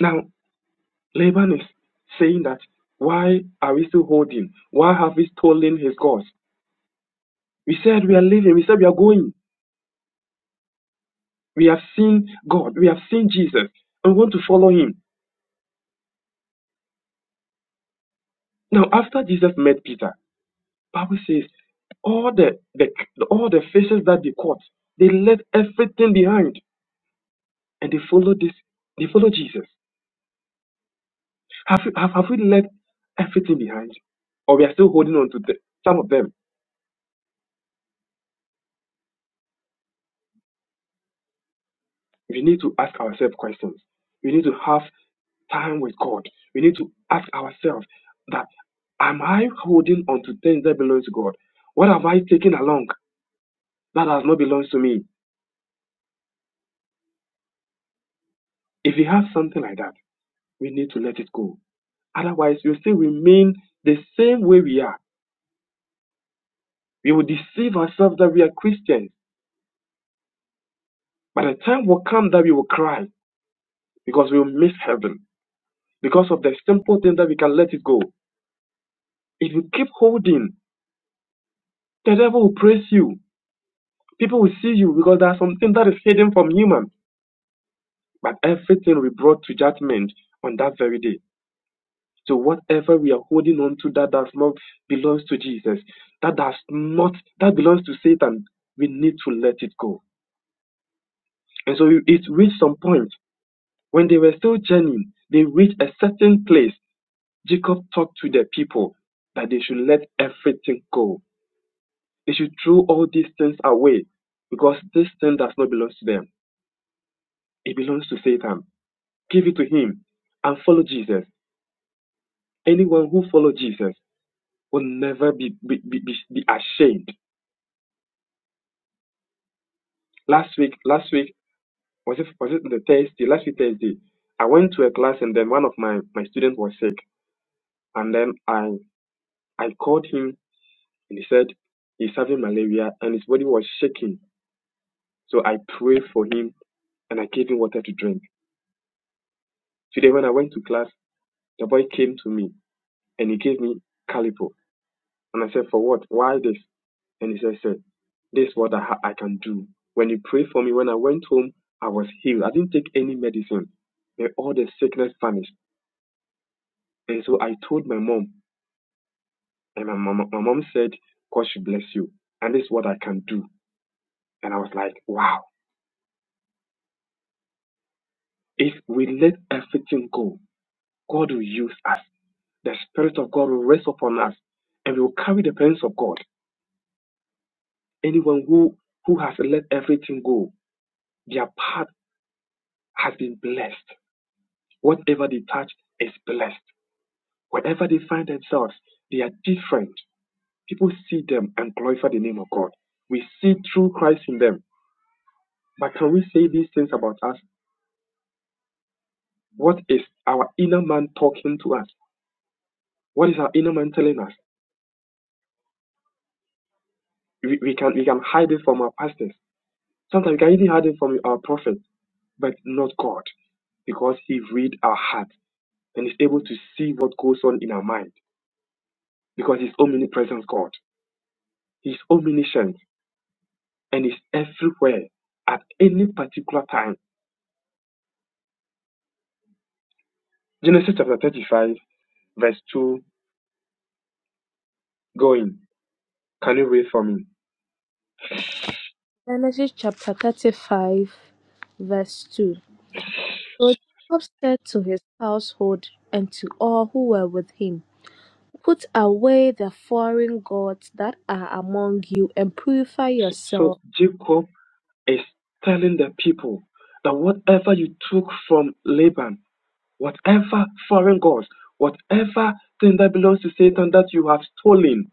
Speaker 4: Now, Laban is saying that why are we still holding? Why have we stolen his gods? We said we are leaving. We said we are going. We have seen God. We have seen Jesus. And we want to follow him. Now, after Jesus met Peter, Bible says all the, the all the faces that they caught, they left everything behind and they followed this. They followed Jesus. Have, you- have, have we left everything behind? Or we are still holding on to the, some of them? We need to ask ourselves questions. We need to have time with God. We need to ask ourselves, Am I holding on to things that belongs to God? What have I taken along that has not belongs to me? If you have something like that, we need to let it go. Otherwise, you still remain the same way we are. We will deceive ourselves that we are Christians. By the time will come that we will cry because we will miss heaven because of the simple thing that we can let it go. If you keep holding, the devil will praise you. People will see you because there's something that is hidden from human. But everything we brought to judgment on that very day. So whatever we are holding on to that does not belongs to Jesus, that does not that belongs to Satan, we need to let it go. And so it reached some point when they were still journeying, they reached a certain place. Jacob talked to the people that they should let everything go. They should throw all these things away because this thing does not belong to them. It belongs to Satan. Give it to him and follow Jesus. Anyone who follows Jesus will never be, be, be, be be ashamed Last week, last week was it was it the Thursday? Last week Thursday, I went to a class and then one of my my students was sick, and then I I called him and he said he's having malaria and his body was shaking. So I prayed for him and I gave him water to drink. Today when I went to class, the boy came to me and he gave me calipo, and I said for what? Why this? And he said, said this is what I, ha- I can do. When you prayed for me, when I went home, I was healed. I didn't take any medicine. May all the sickness vanished. And so I told my mom, and my mom, my mom said, God should bless you. And this is what I can do. And I was like, wow. If we let everything go, God will use us. The Spirit of God will rest upon us. And we will carry the presence of God. Anyone who, who has let everything go, their path has been blessed. Whatever they touch is blessed. Wherever they find themselves, they are different. People see them and glorify the name of God. We see true Christ in them But can we say these things about us? What is our inner man talking to us? What is our inner man telling us? We, we can we can hide it from our pastors. Sometimes we can even hide it from our prophets, but not God, because He read our heart and is able to see what goes on in our mind, because He's omnipresent God. He's omniscient and is everywhere at any particular time. Genesis chapter 35, verse 2, going. Can you read for me?
Speaker 3: Genesis chapter 35, verse 2. So Jacob said to his household and to all who were with him, Put away the foreign gods that are among you and purify
Speaker 4: So, so
Speaker 3: yourself.
Speaker 4: Jacob is telling the people that whatever you took from Laban, whatever foreign gods, whatever thing that belongs to Satan that you have stolen,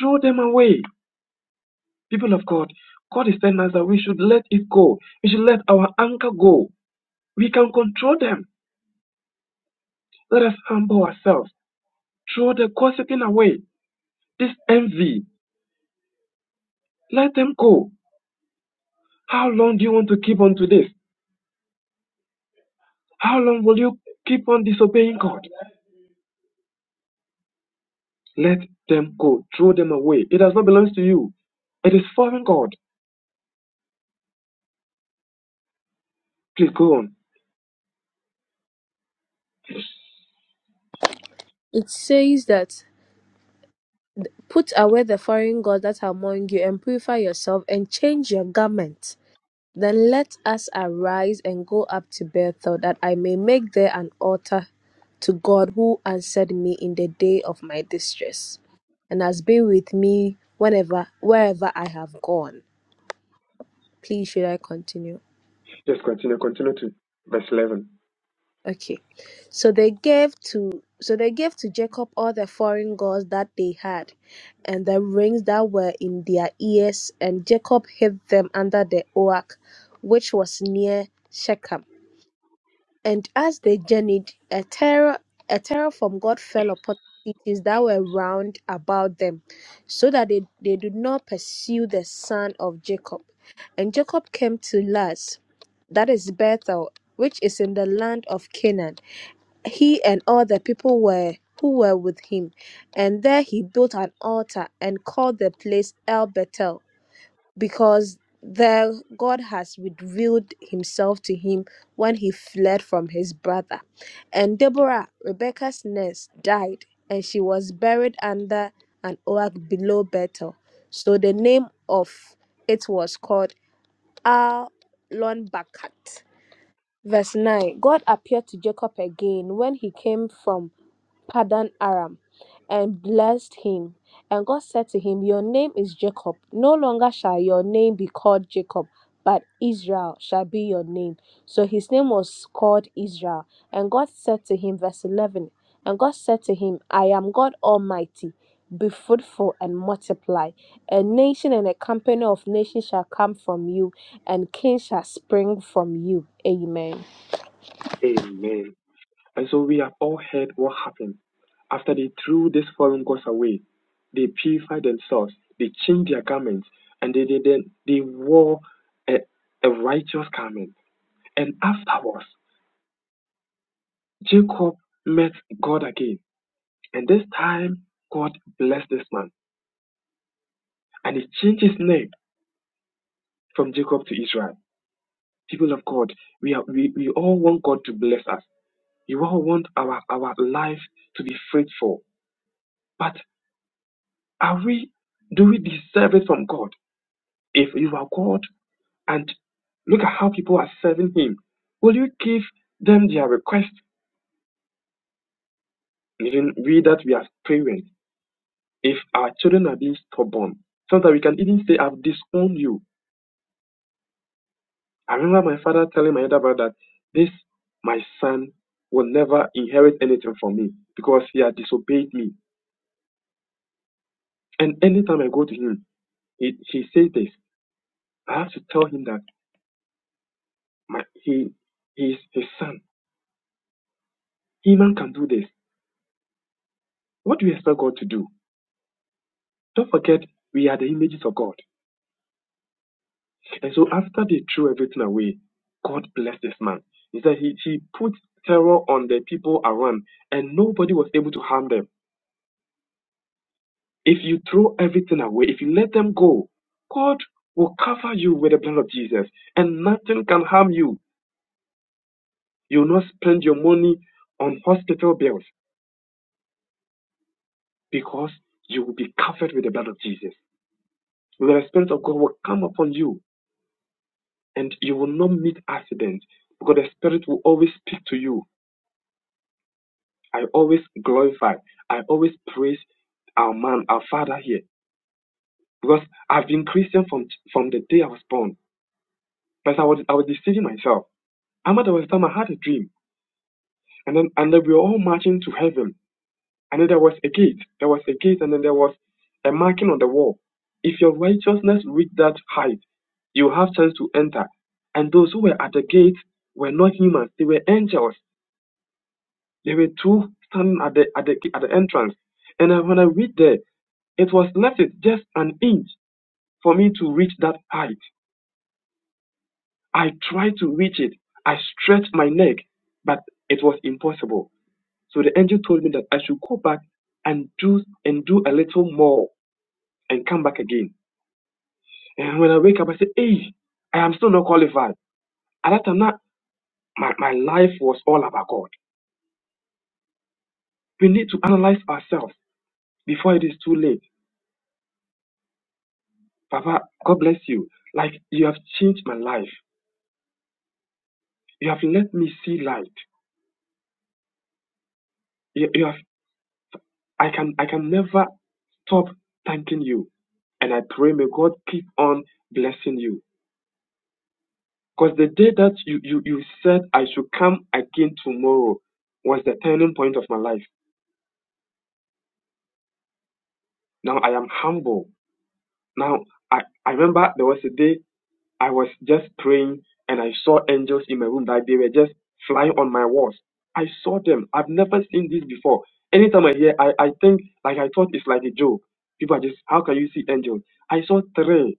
Speaker 4: throw them away. People of God, God is telling us that we should let it go. We should let our anchor go. We can control them. Let us humble ourselves. Throw the gossiping away. This envy, let them go. How long do you want to keep on to this? How long will you keep on disobeying God? Let them go. Throw them away. It does not belong to you. It is foreign God. Please go on.
Speaker 3: It says that, Put away the foreign gods that are among you and purify yourself and change your garment. Then let us arise and go up to Bethel, that I may make there an altar to God who answered me in the day of my distress and has been with me whenever wherever I have gone. Please, should I continue?
Speaker 4: Just continue. Continue to verse 11.
Speaker 3: Okay. So they gave to so they gave to Jacob all the foreign gods that they had, and the rings that were in their ears, and Jacob hid them under the oak, which was near Shechem. And as they journeyed, a terror, a terror from God fell upon the cities that were round about them, so that they, they did not pursue the son of Jacob. And Jacob came to Luz, that is Bethel, which is in the land of Canaan. He and all the people were who were with him, and there he built an altar and called the place El Bethel because there God has revealed himself to him when he fled from his brother. And Deborah, Rebecca's nurse, died and she was buried under an oak below Bethel. So the name of it was called Al Bakat. Verse 9 God appeared to Jacob again when he came from Paddan Aram, and blessed him. And God said to him, Your name is Jacob. No longer shall your name be called Jacob, but Israel shall be your name. So his name was called Israel. And God said to him, verse 11, And God said to him, I am God Almighty. Be fruitful and multiply. A nation and a company of nations shall come from you, and kings shall spring from you. Amen.
Speaker 4: Amen. And so we have all heard what happened. After they threw these foreign gods away, they purified themselves, they changed their garments, and they, they, then they wore a, a righteous garment. And afterwards, Jacob met God again. And this time, God blessed this man, and he changed his name from Jacob to Israel. people of God, we, are, we, we all want God to bless us. We all want our, our life to be fruitful. But are we, do we deserve it from God? If you are God and look at how people are serving Him, will you give them their request? Even we that we are parents, if our children are being stubborn, so that we can even say, I've disowned you. I remember my father telling my elder brother that this, my son, will never inherit anything from me because he had disobeyed me And anytime I go to him, he, he says this. I have to tell him that my, he, he is his son. Human can do this. What do you expect God to do? Don't forget, we are the images of God. And so after they threw everything away, God blessed this man. He said he, he put terror on the people around and nobody was able to harm them. If you throw everything away, if you let them go, God will cover you with the blood of Jesus and nothing can harm you. You will not spend your money on hospital bills. because you will be covered with the blood of Jesus. The Spirit of God will come upon you and you will not meet accidents because the Spirit will always speak to you. I always glorify, I always praise our man, our father here because I've been Christian from, from the day I was born. But I was, I was deceiving myself. I'm at the time I had a dream and then, and then we were all marching to heaven And then there was a gate. There was a gate, and then there was a marking on the wall. If your righteousness reach that height, you have chance to enter. And those who were at the gate were not humans; they were angels. There were two standing at the at the at the entrance. And I- when I read there, it was left it just an inch for me to reach that height. I tried to reach it. I stretched my neck, but it was impossible. So the angel told me that I should go back and do and do a little more and come back again. And when I wake up, I say, hey, I am still not qualified. At that time, that, my, my life was all about God. We need to analyze ourselves before it is too late. Papa, God bless you. Like you have changed my life. You have let me see light. You, you have I can I can never stop thanking you. And I pray may God keep on blessing you. Because the day that you, you, you said I should come again tomorrow was the turning point of my life. Now I am humble Now, I, I remember there was a day I was just praying and I saw angels in my room that they were just flying on my walls. I saw them. I've never seen this before. Anytime I hear, I, I think, like I thought it's like a joke. People are just, how can you see angels? I saw three.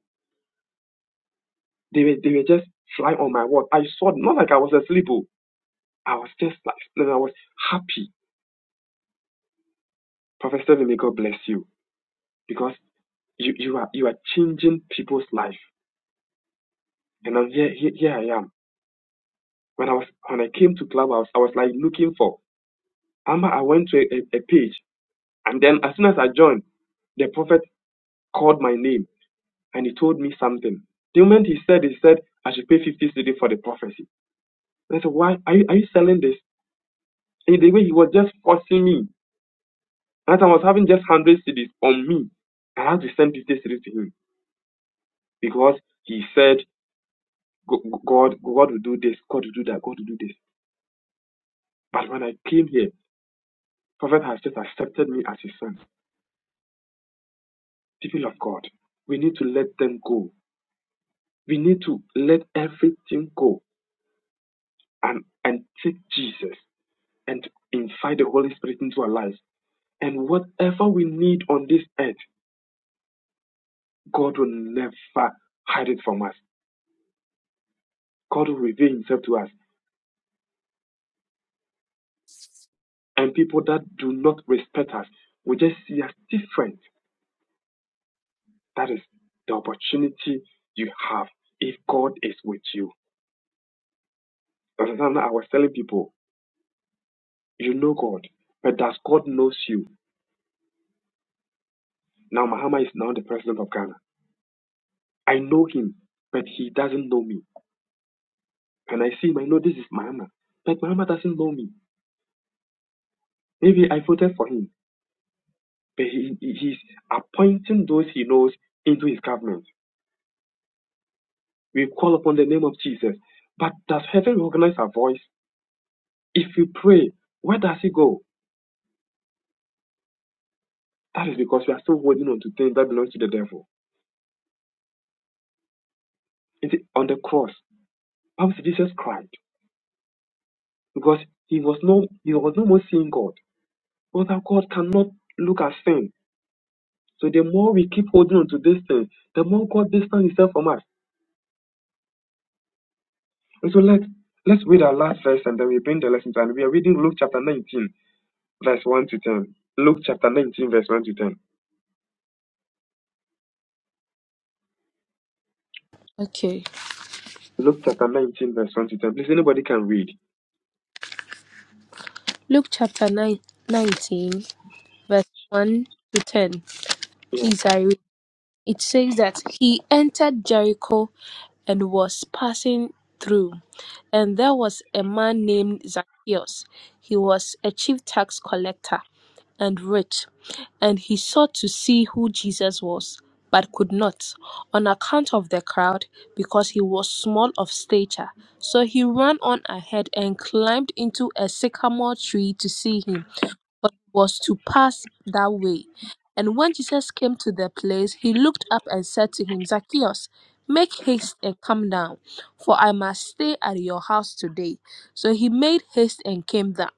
Speaker 4: They were, they were just flying on my walls. I saw, not like I was asleep. oh. I was just like, and I was happy. Prophet Stephen, may God bless you because you, you are you are changing people's life. And I'm here, here, here I am. When I was when I came to Clubhouse, I was like looking for Amma. I went to a, a page, and then as soon as I joined, the prophet called my name and he told me something. The moment he said, he said I should pay fifty cedi for the prophecy. And I said, Why are you, are you selling this? And the way he was just forcing me. And I was having just hundred cedis on me. I had to send fifty cedis to him because he said "Go- God, God will do this, God will do that, God will do this. But when I came here, prophet has just accepted me as his son. People of God, we need to let them go. We need to let everything go and, and take Jesus and invite the Holy Spirit into our lives. And whatever we need on this earth, God will never hide it from us. God will reveal Himself to us. And people that do not respect us will just see us different. That is the opportunity you have if God is with you. The I was telling people, you know God, but does God knows you? Now Mahama is now the president of Ghana. I know him, but he doesn't know me. And I see him, I know this is Mahama. But Mahama doesn't know me. Maybe I voted for him, but he, he- he's appointing those he knows into his government. We call upon the name of Jesus. But does heaven recognize our voice? If we pray, where does it go? That is because we are still holding on to things that belongs to the devil. It is on the cross, how says Jesus cried because he was no he was no more seeing God. Because God cannot look at sin So the more we keep holding on to this thing, the more God distance Himself from us. And so let let's read our last verse and then we bring the lesson to an end. We are reading Luke chapter 19, verse 1 to 10. Luke chapter 19, verse 1 to 10.
Speaker 3: Okay.
Speaker 4: Luke chapter 19, verse 1 to 10. Please, anybody can read.
Speaker 3: Luke chapter 9, 19. verse 1 to 10. Please, I read. It says that he entered Jericho and was passing through. And there was a man named Zacchaeus. He was a chief tax collector and rich, and he sought to see who Jesus was, but could not, on account of the crowd, because he was small of stature. So he ran on ahead and climbed into a sycamore tree to see him but was to pass that way. And when Jesus came to the place, he looked up and said to him, Zacchaeus, make haste and come down, for I must stay at your house today. So he made haste and came down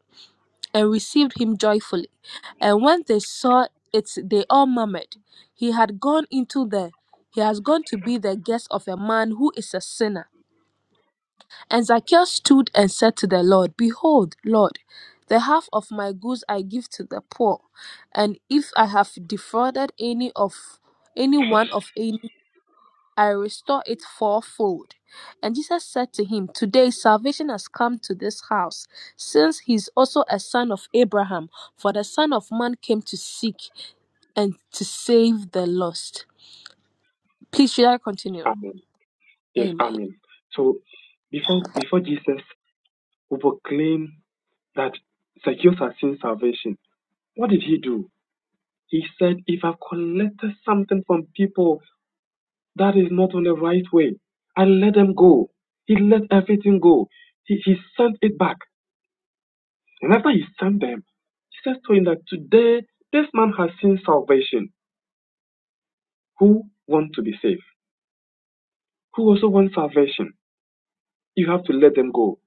Speaker 3: and received him joyfully. And when they saw it, they all murmured. He had gone into the he has gone to be the guest of a man who is a sinner. And Zacchaeus stood and said to the Lord, Behold, Lord, the half of my goods I give to the poor, and if I have defrauded any of any one of any, I restore it fourfold. And Jesus said to him, Today salvation has come to this house, since he is also a son of Abraham, for the Son of Man came to seek and to save the lost. Please, should I continue?
Speaker 4: Amen. Yes,
Speaker 3: Amen.
Speaker 4: Amen. So before before Jesus who proclaimed that secures our sin salvation, what did he do? He said, If I've collected something from people That is not on the right way. And let them go. He let everything go. He, he sent it back. And after he sent them, Jesus told him that today this man has seen salvation. Who want to be saved? Who also want salvation? You have to let them go.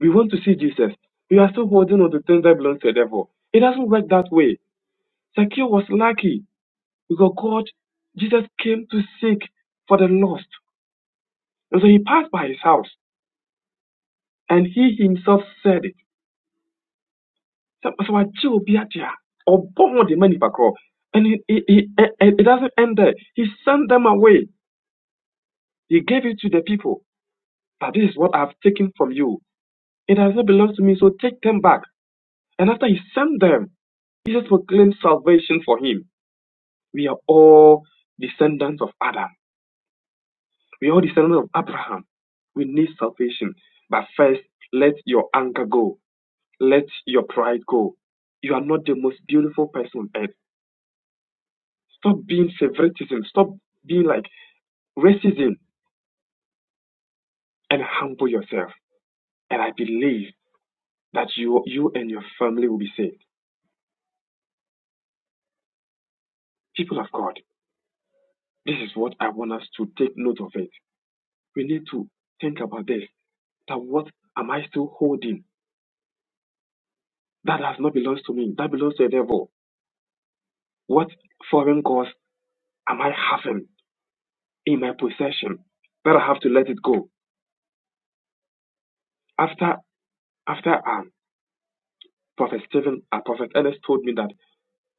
Speaker 4: We want to see Jesus. We are still holding on to things that belong to the devil. It doesn't work that way. Zacchaeus was lucky because God, Jesus came to seek for the lost. And so he passed by his house and he himself said, So sɛ wagye obi agye a ɔbɔ ho de ma nipa korɔ and he, he, he, eh, eh, it doesn't end there he sent them away he gave it to the people But this is what i've taken from you it does not belong to me so take them back and after he sent them jesus proclaimed salvation for him we are all descendants of adam we are all descendants of abraham we need salvation but first let your anger go let your pride go you are not the most beautiful person on earth Stop being favoritism. Stop being like racism and humble yourself. And I believe that you, you and your family will be saved. People of God, this is what I want us to take note of it. We need to think about this. That what am I still holding? That does not belong to me. That belongs to the devil. What foreign gods am I having in my possession that I have to let it go? After after um, Prophet Stephen, uh, Prophet Ernest told me that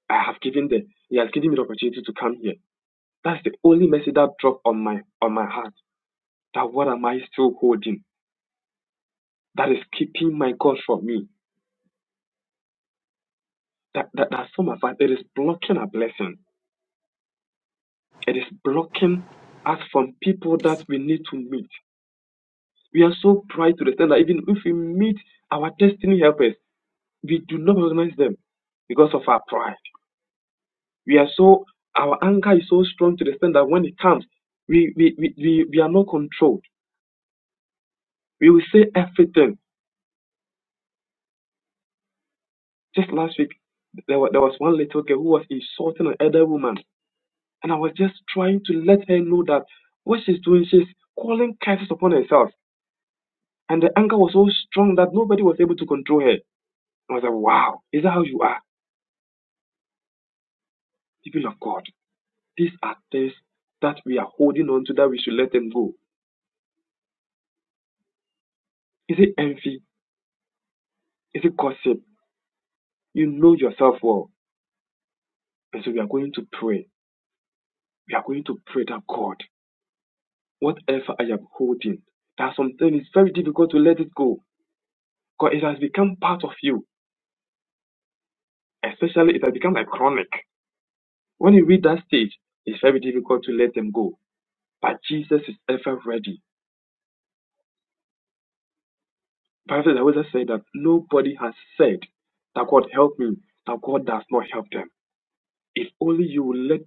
Speaker 4: I have given the he has given me the opportunity to come here. That's the only message that dropped on my on my heart. That what am I still holding? That is keeping my God from me. That that, that some of us it is blocking our blessing. It is blocking us from people that we need to meet. We are so proud to the extent that even if we meet our destiny helpers, we do not recognize them because of our pride. We are so our anger is so strong to the extent that when it comes, we we, we, we, we are not controlled. We will say everything Just last week, there, wa- there was one little girl who was insulting an elder woman, and I was just trying to let her know that what she's doing, she's calling curses upon herself. And the anger was so strong that nobody was able to control her. I was like, wow, is that how you are? People of God, these are things that we are holding on to that we should let them go. Is it envy? Is it gossip? You know yourself well. And so we are going to pray. We are going to pray that God, whatever I am holding, that something is very difficult to let it go. Because it has become part of you, especially it has become like chronic. When you reach that stage, it's very difficult to let them go. But Jesus is ever ready. Prophet Eliezer said that nobody has said that God help me, that God does not help them. If only you will let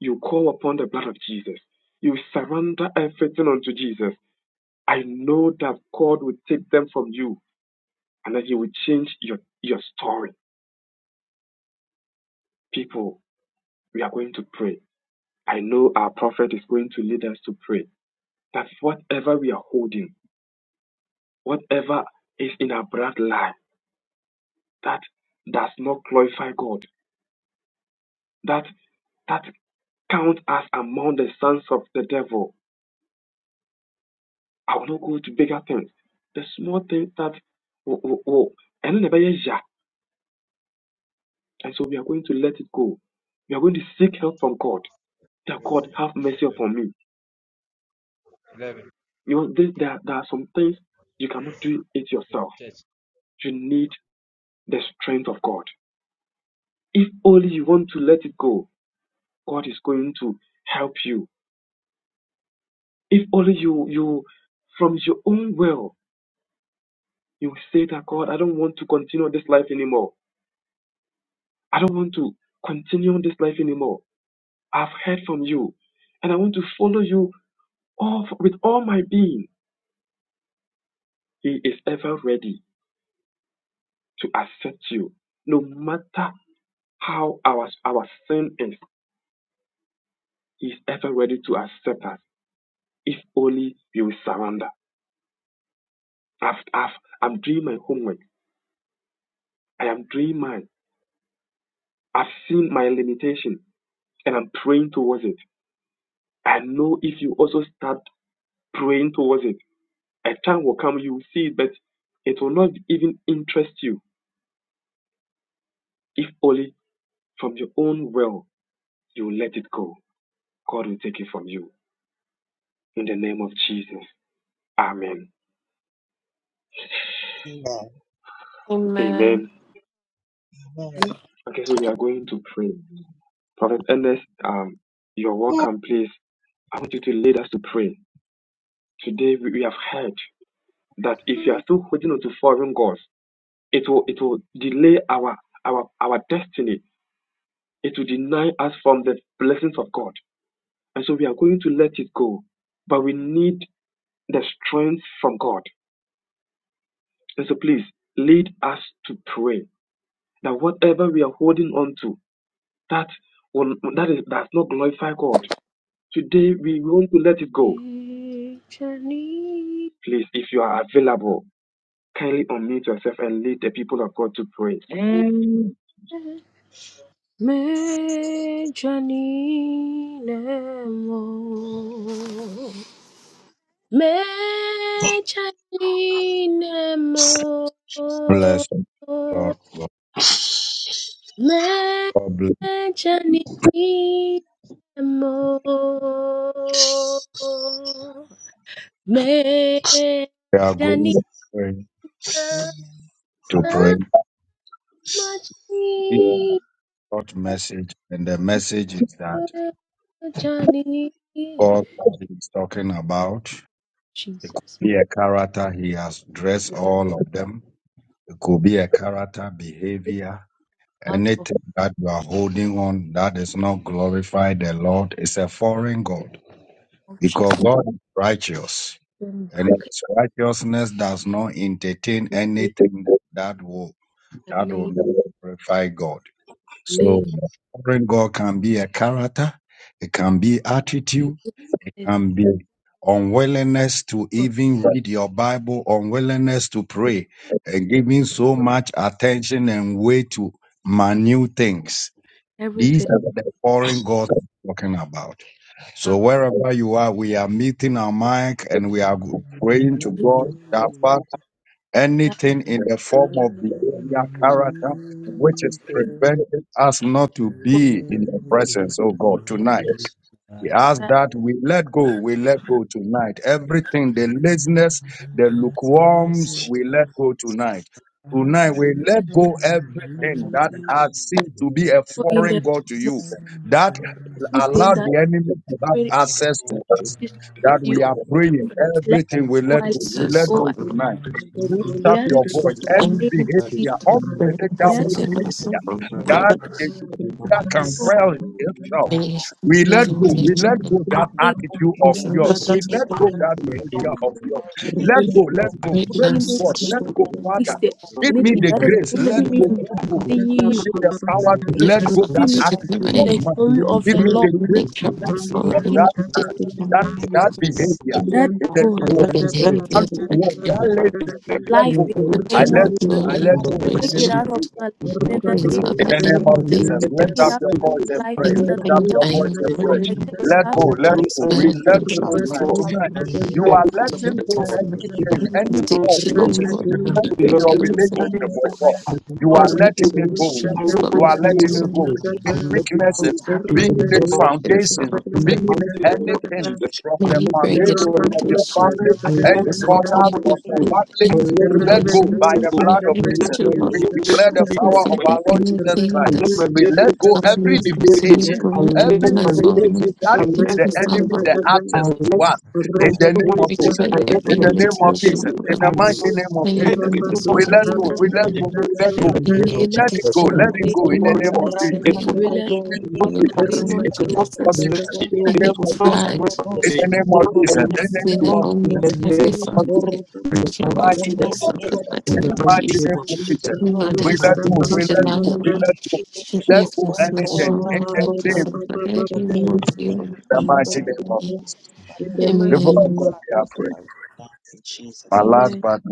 Speaker 4: you call upon the blood of Jesus, you surrender everything unto Jesus. I know that God will take them from you and that He will change your, your story. People, we are going to pray. I know our prophet is going to lead us to pray. that whatever we are holding, whatever is in our brand life that does not glorify God, that that count us among the sons of the devil. I will not go to bigger things. The small things that oh, oh, oh, and then the very yeah. And so we are going to let it go. We are going to seek help from God. That God
Speaker 6: 11.
Speaker 4: have mercy upon me.
Speaker 6: eleven,
Speaker 4: You know, there, there are there are some things you cannot do it yourself.
Speaker 6: Church.
Speaker 4: You need the strength of God. If only you want to let it go, God is going to help you. If only you you from your own will you say that God, I don't want to continue this life anymore. I don't want to continue this life anymore. I've heard from you, and I want to follow you all with all my being. He is ever ready to accept you, no matter how our our sin is. He is ever ready to accept us if only we will surrender. I've, I've, I'm doing my homework. I am doing mine. I've seen my limitation. and I'm praying towards it. I know if you also start praying towards it, a time will come you will see it, but it will not even interest you if only from your own will you let it go. God will take it from you. In the name of Jesus. Amen.
Speaker 7: Amen.
Speaker 4: Amen.
Speaker 8: Amen.
Speaker 7: Amen.
Speaker 4: Okay, so we are going to pray.
Speaker 9: Hmm.
Speaker 4: Prophet Ernest, um, you're
Speaker 1: you.
Speaker 4: welcome, please. I want you to lead us to pray. Today we we have heard that if you are still holding on to foreign gods, it will it will delay our our our destiny It will deny us from the blessings of God. And so we are going to let it go. But we need the strength from God. And so please lead us to pray that whatever we are holding on to, that will, that is does not glorify God. Today we want to let it go. Please, if you are available, kindly unmute yourself and lead the people of God to pray.
Speaker 3: Me Janinemo. Me Janinemo. Me Janinemo. Me janine mo. me, Janinemo.
Speaker 7: Amen.
Speaker 3: Jesus, with the heart of function. them back and take the name, lay hands on everything now in that moment, in that
Speaker 7: Jesus, Jesus, Jesus, Jesus. My God, bless you in this lives. My vocation, the name
Speaker 3: or
Speaker 7: of
Speaker 3: in the
Speaker 7: Jesus. And Let's
Speaker 3: moment
Speaker 7: go
Speaker 3: that
Speaker 7: now.
Speaker 3: when it
Speaker 7: Amen.
Speaker 3: is with you. Let
Speaker 7: Let's go now.
Speaker 3: go, I let
Speaker 7: Amen.
Speaker 8: Jesus.
Speaker 3: go, I
Speaker 7: Jesus. Thank you for watching.
Speaker 10: Libra
Speaker 3: let it
Speaker 7: Thank
Speaker 3: stay,
Speaker 8: Amen.
Speaker 7: you for
Speaker 3: I
Speaker 7: your
Speaker 8: Great
Speaker 7: eyes.
Speaker 3: let
Speaker 8: presence in my
Speaker 7: And
Speaker 8: soul,
Speaker 7: we carry
Speaker 8: Lord.
Speaker 7: along the one who can I
Speaker 3: go,
Speaker 7: see the glory of
Speaker 8: May
Speaker 7: our
Speaker 8: you
Speaker 7: God.
Speaker 8: be the one that you want to
Speaker 3: stay.
Speaker 8: be
Speaker 7: Lord
Speaker 8: so precious in
Speaker 7: Jesus.
Speaker 8: my
Speaker 7: Let
Speaker 3: And
Speaker 7: go of that in
Speaker 3: when you make
Speaker 7: Jesus' name.
Speaker 3: mistake,
Speaker 7: Let's go
Speaker 3: anything that
Speaker 7: of
Speaker 3: is
Speaker 7: that
Speaker 3: hindering me from
Speaker 7: in
Speaker 3: seeing you,
Speaker 7: Jesus.
Speaker 8: If you thought
Speaker 3: hindering me
Speaker 7: name.
Speaker 3: from
Speaker 8: took me
Speaker 3: seeing
Speaker 8: away,
Speaker 3: the
Speaker 7: The number
Speaker 3: glory of the
Speaker 7: of
Speaker 3: Lord,
Speaker 10: do
Speaker 8: make trouble
Speaker 7: people
Speaker 10: Sabran
Speaker 8: for
Speaker 7: who have been killed
Speaker 3: I
Speaker 8: any
Speaker 7: in the conflict
Speaker 8: addiction,
Speaker 10: Cantabria
Speaker 7: has
Speaker 10: Rabba
Speaker 3: let go.
Speaker 8: any behavior that can
Speaker 3: Life
Speaker 8: remove
Speaker 3: in
Speaker 8: my
Speaker 3: the name
Speaker 8: time
Speaker 3: of,
Speaker 8: of glory, and
Speaker 3: take
Speaker 8: grace,
Speaker 3: it out of
Speaker 8: and
Speaker 3: my life in the
Speaker 8: every
Speaker 3: name,
Speaker 8: father, anything
Speaker 3: take it out
Speaker 8: that's
Speaker 3: of life in the name
Speaker 7: risen
Speaker 8: anything that
Speaker 3: of,
Speaker 8: I am
Speaker 3: I
Speaker 8: carrying.
Speaker 3: take it out.
Speaker 8: Especially from the
Speaker 7: to
Speaker 8: addiction, oh Lord, may you break every single person is in the streets, Lord, of you, so much of power, there's May you break
Speaker 10: Rabba
Speaker 8: the foundation that's holding you back from the end foundation, so when you bring to your Lord, every that anything that's stopping you from seeing your glory in your life, oh Lord, it's resolved which
Speaker 3: I
Speaker 8: way
Speaker 3: let
Speaker 8: every limitation was. Anything that wasn't
Speaker 3: the name of
Speaker 8: expected, any
Speaker 3: we let
Speaker 8: addiction,
Speaker 7: 1,500.
Speaker 3: the name
Speaker 8: and
Speaker 3: of
Speaker 8: any
Speaker 3: Jesus.
Speaker 8: fortune
Speaker 3: We let
Speaker 7: Lord,
Speaker 3: in
Speaker 7: you
Speaker 8: in
Speaker 10: in
Speaker 7: come
Speaker 3: the
Speaker 10: the
Speaker 3: name
Speaker 7: into
Speaker 3: of
Speaker 7: the
Speaker 8: personal
Speaker 10: mighty
Speaker 3: Jesus.
Speaker 10: name
Speaker 7: covenant
Speaker 8: places,
Speaker 7: God of our life
Speaker 8: and in
Speaker 7: and
Speaker 8: pride,
Speaker 7: let us go on our
Speaker 8: and sin and old
Speaker 7: you to
Speaker 8: heavenly
Speaker 3: Amen.
Speaker 7: Jesus.
Speaker 8: Father, we break away
Speaker 7: We go
Speaker 8: from
Speaker 7: out
Speaker 11: Ayah,
Speaker 8: myself and let him in Jesus.
Speaker 7: you,
Speaker 8: Lord, as into
Speaker 7: we go on
Speaker 8: July,
Speaker 7: our
Speaker 8: Lord, should me from
Speaker 7: Jesus, and
Speaker 8: Smith
Speaker 7: we
Speaker 8: Shaw,
Speaker 7: will
Speaker 8: Lord, and
Speaker 7: see
Speaker 8: every Sunday, every move
Speaker 7: that
Speaker 8: you,
Speaker 7: we
Speaker 8: Lord,
Speaker 7: can
Speaker 8: and listen to me.
Speaker 3: The
Speaker 7: we
Speaker 3: mighty
Speaker 7: make an
Speaker 8: Amen.
Speaker 10: of
Speaker 7: example
Speaker 10: Jesus,
Speaker 7: of in Jesus' mighty
Speaker 3: Amen.
Speaker 7: name.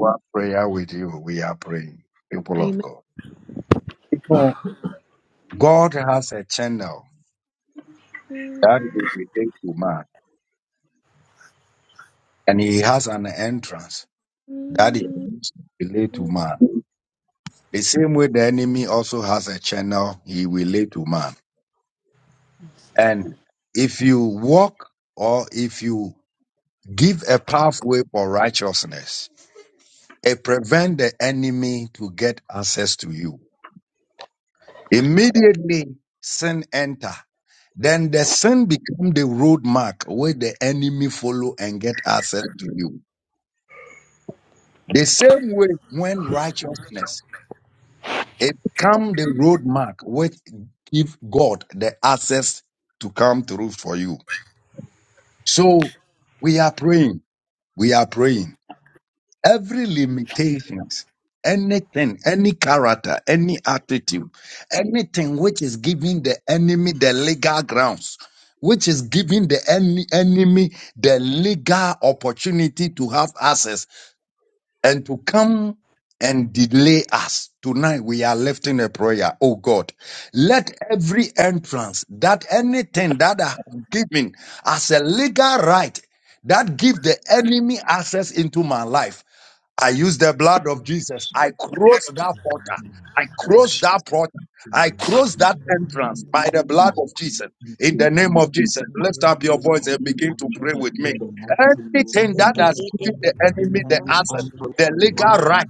Speaker 3: Amen.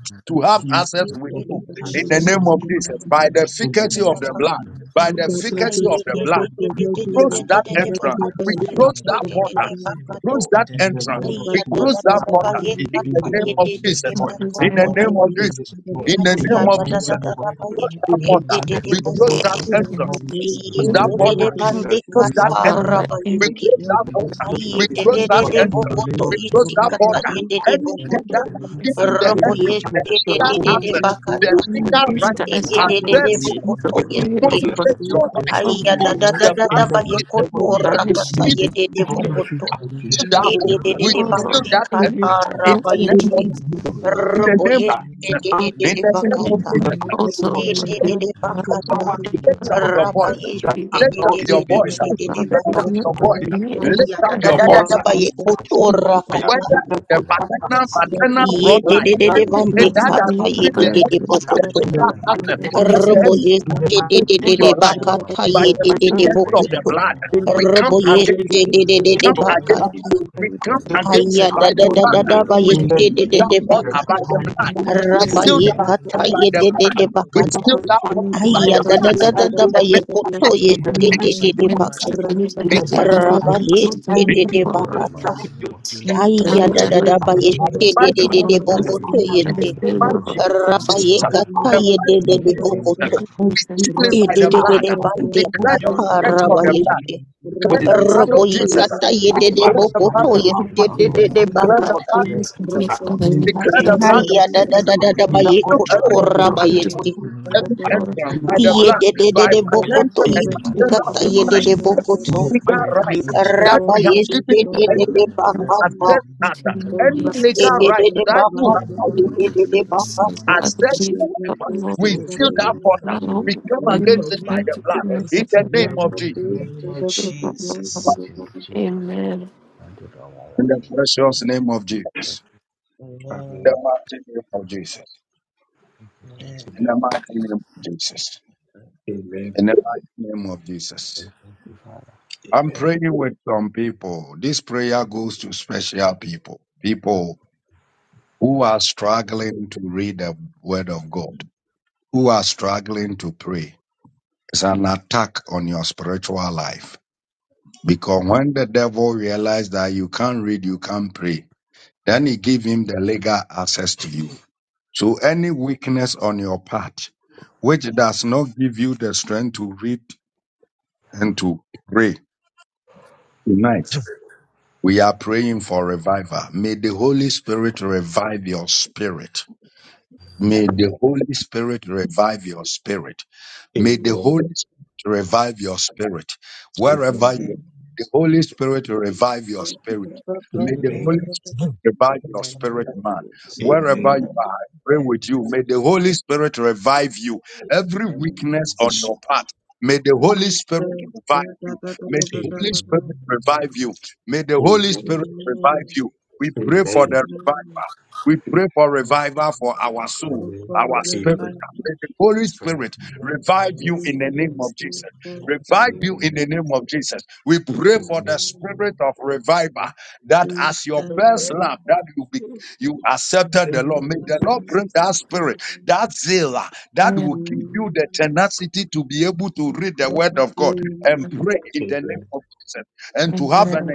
Speaker 12: I'm not
Speaker 7: Jesus. Today, we want to pray the power and the glory of Jesus, the King of
Speaker 12: feeling
Speaker 7: Wisdom,
Speaker 10: the
Speaker 7: and bless them in the glory of Jesus, the
Speaker 8: I praise every
Speaker 10: Thank
Speaker 8: one. Yes. consistent.
Speaker 11: Yedede bande
Speaker 8: Father,
Speaker 11: kataraba yeski.
Speaker 8: in
Speaker 7: Lord, in the blood
Speaker 8: outside
Speaker 7: of
Speaker 11: Yedede
Speaker 7: Jesus
Speaker 8: from
Speaker 11: bokoto yeski kata yedede bokoto.
Speaker 8: I see
Speaker 7: the
Speaker 8: them,
Speaker 11: Robo
Speaker 8: they're
Speaker 7: realm
Speaker 8: good,
Speaker 7: of his
Speaker 11: yeski
Speaker 8: blah, blah, blah.
Speaker 7: intimate
Speaker 11: dedede
Speaker 7: and name
Speaker 11: bakata.
Speaker 7: of
Speaker 8: Mm,
Speaker 7: Jesus.
Speaker 8: Things that I
Speaker 7: Whenever
Speaker 8: saw,
Speaker 7: we
Speaker 11: Yedede
Speaker 7: pray
Speaker 8: see
Speaker 7: the realm
Speaker 8: the
Speaker 11: bokoto
Speaker 7: of
Speaker 8: glory
Speaker 7: judgment
Speaker 8: of
Speaker 11: yeski.
Speaker 7: against
Speaker 8: God,
Speaker 7: us,
Speaker 8: I saw
Speaker 7: we
Speaker 11: Ayya
Speaker 8: them
Speaker 11: da da
Speaker 7: cleanse
Speaker 11: da
Speaker 7: it,
Speaker 11: da
Speaker 7: we
Speaker 11: da ba
Speaker 7: seal it
Speaker 11: yekoto
Speaker 7: in the name
Speaker 8: vanish.
Speaker 7: of
Speaker 11: rakata yedede
Speaker 7: Jesus,
Speaker 11: bokoto.
Speaker 7: the power
Speaker 11: Yedede
Speaker 8: Oh Lord,
Speaker 11: bande
Speaker 8: I really connect
Speaker 11: kataraba
Speaker 8: with you.
Speaker 11: yeski. Robo yeski
Speaker 7: name of
Speaker 11: dedede
Speaker 7: Jesus.
Speaker 8: And even
Speaker 11: bakata.
Speaker 8: on the
Speaker 7: We
Speaker 8: altar,
Speaker 7: seal
Speaker 8: Lord, I
Speaker 11: Yedede
Speaker 8: have a
Speaker 11: bakata.
Speaker 12: well.
Speaker 7: in
Speaker 8: great
Speaker 7: the name
Speaker 11: Raba
Speaker 7: of Jesus.
Speaker 11: yeski
Speaker 8: Jesus,
Speaker 7: The
Speaker 8: the
Speaker 7: name
Speaker 11: dedede
Speaker 8: Father, we
Speaker 11: bakata.
Speaker 8: do not give any
Speaker 10: you.
Speaker 8: authority,
Speaker 10: Thank
Speaker 11: Yadadadadaba yekotora kata yedededede bande
Speaker 8: not give
Speaker 11: kata
Speaker 8: any
Speaker 11: yededede
Speaker 8: authority,
Speaker 7: Jesus, it's still in the
Speaker 11: bokoto
Speaker 7: name of
Speaker 8: and
Speaker 7: Jesus.
Speaker 8: it's
Speaker 11: robo
Speaker 8: in the
Speaker 11: yedededede
Speaker 7: Whenever I
Speaker 11: bakata yededede
Speaker 8: Father.
Speaker 7: do
Speaker 11: bokoto
Speaker 7: the
Speaker 11: robo yedededede bakata
Speaker 8: um,
Speaker 11: yadadadadaba
Speaker 8: any different
Speaker 11: yedededede bakata
Speaker 8: anything in the
Speaker 11: raba
Speaker 8: truth,
Speaker 11: yekata yededede bakata
Speaker 7: next,
Speaker 8: anything on the
Speaker 7: then you
Speaker 8: council.
Speaker 7: need
Speaker 11: yadadadadaba
Speaker 7: to
Speaker 11: yekoto
Speaker 7: get me
Speaker 8: And you
Speaker 7: by the
Speaker 11: yedededede
Speaker 8: need
Speaker 7: power and the
Speaker 11: bakata
Speaker 8: to have a big
Speaker 7: Jesus,
Speaker 8: one.
Speaker 11: raba
Speaker 7: it's
Speaker 8: Standing
Speaker 7: still in
Speaker 8: up
Speaker 11: yededede
Speaker 7: the
Speaker 12: In
Speaker 8: for
Speaker 12: the
Speaker 7: name
Speaker 8: us.
Speaker 11: bakata
Speaker 7: of
Speaker 12: mighty name of
Speaker 7: Jesus.
Speaker 12: Jesus,
Speaker 8: Tear
Speaker 7: We
Speaker 11: Aya
Speaker 8: down in
Speaker 12: I
Speaker 11: da
Speaker 7: come
Speaker 11: da
Speaker 12: get
Speaker 8: that.
Speaker 11: da
Speaker 7: out
Speaker 11: ba
Speaker 12: on
Speaker 11: ye
Speaker 7: in
Speaker 12: the
Speaker 11: de de
Speaker 12: river.
Speaker 11: de de
Speaker 12: I
Speaker 7: Jesus'
Speaker 11: boko
Speaker 10: you.
Speaker 11: to
Speaker 12: deliver
Speaker 7: name.
Speaker 11: yeste
Speaker 12: on
Speaker 8: Every
Speaker 11: she.
Speaker 8: free
Speaker 12: the river.
Speaker 10: Thank
Speaker 8: world.
Speaker 12: I
Speaker 11: Raba
Speaker 12: get
Speaker 11: ye
Speaker 12: on
Speaker 11: kata ye
Speaker 12: the
Speaker 7: Bless
Speaker 11: de
Speaker 7: you,
Speaker 12: river.
Speaker 11: de de
Speaker 7: Jesus, Jesus'
Speaker 11: boko
Speaker 12: Any
Speaker 11: to.
Speaker 12: aircraft,
Speaker 7: name.
Speaker 8: It's a
Speaker 12: any
Speaker 11: E
Speaker 12: and
Speaker 11: de de
Speaker 12: fast.
Speaker 11: de de ba de kata
Speaker 7: That's the
Speaker 12: In
Speaker 11: raba ye
Speaker 12: the name of Jesus,
Speaker 11: Rabo ye
Speaker 12: i
Speaker 11: kata
Speaker 12: anyone,
Speaker 11: ye de
Speaker 12: anyone, anyone,
Speaker 11: de
Speaker 12: river.
Speaker 11: boko to
Speaker 12: Now
Speaker 11: ye
Speaker 12: I'm getting on
Speaker 11: de de de
Speaker 12: on the
Speaker 11: ba
Speaker 12: river.
Speaker 11: kata.
Speaker 12: Break,
Speaker 8: Please
Speaker 12: I
Speaker 8: complete
Speaker 12: get
Speaker 8: other
Speaker 12: on my lead.
Speaker 8: reluctance to
Speaker 11: Aya da
Speaker 12: Break,
Speaker 11: da da
Speaker 12: I get
Speaker 11: da da
Speaker 12: on
Speaker 11: ba ye
Speaker 12: my lead.
Speaker 11: koto
Speaker 12: In
Speaker 11: raba ye
Speaker 12: the
Speaker 8: just
Speaker 12: mighty name of Jesus,
Speaker 8: explore
Speaker 12: in the
Speaker 11: Ye
Speaker 12: mighty
Speaker 11: de de de
Speaker 12: name
Speaker 11: de
Speaker 12: of Jesus,
Speaker 11: boko to
Speaker 12: in
Speaker 11: yeste
Speaker 12: my
Speaker 11: she
Speaker 8: in
Speaker 11: kata
Speaker 12: Father
Speaker 11: ye
Speaker 12: that
Speaker 11: de
Speaker 12: was
Speaker 11: de
Speaker 12: in the
Speaker 11: boko
Speaker 12: river.
Speaker 11: to.
Speaker 12: Break, I get on, my leaf.
Speaker 11: Raba ye
Speaker 8: a
Speaker 11: de
Speaker 12: break,
Speaker 11: de
Speaker 12: I
Speaker 11: de
Speaker 12: get
Speaker 11: ba
Speaker 12: on my
Speaker 7: kind
Speaker 11: kata.
Speaker 12: lead.
Speaker 7: of management
Speaker 12: In the
Speaker 7: that
Speaker 8: material
Speaker 7: we will
Speaker 12: mighty
Speaker 11: E
Speaker 12: name
Speaker 7: improve
Speaker 8: cases.
Speaker 12: of
Speaker 11: de
Speaker 12: Jesus.
Speaker 11: de
Speaker 7: life
Speaker 11: de ba
Speaker 7: by the
Speaker 11: kata
Speaker 12: Amen.
Speaker 11: ye
Speaker 8: It
Speaker 7: common
Speaker 11: de
Speaker 12: Amen.
Speaker 7: and
Speaker 11: de
Speaker 7: the
Speaker 8: has
Speaker 11: de
Speaker 8: to be
Speaker 11: ba
Speaker 7: willing
Speaker 8: seen,
Speaker 7: to
Speaker 11: kata.
Speaker 8: but as a
Speaker 12: Amen.
Speaker 8: chief,
Speaker 7: receive this contract.
Speaker 8: Well,
Speaker 7: And
Speaker 10: you.
Speaker 7: we
Speaker 8: and we
Speaker 7: command
Speaker 8: tend to
Speaker 7: them to
Speaker 8: be more
Speaker 7: exit
Speaker 8: like to
Speaker 7: in
Speaker 10: Amen.
Speaker 7: life in the name of
Speaker 8: people.
Speaker 7: Jesus.
Speaker 8: Amen.
Speaker 7: Amen. Amen. Amen. Amen. In the name of Jesus. Amen. Amen. In the name of Jesus. Amen. In the name of Jesus. Amen. Your prayer will not cease. Now your families, but your family is coming from you. I am Lord God, in the name of Jesus.
Speaker 8: Amen.
Speaker 7: Amen.
Speaker 8: Amen.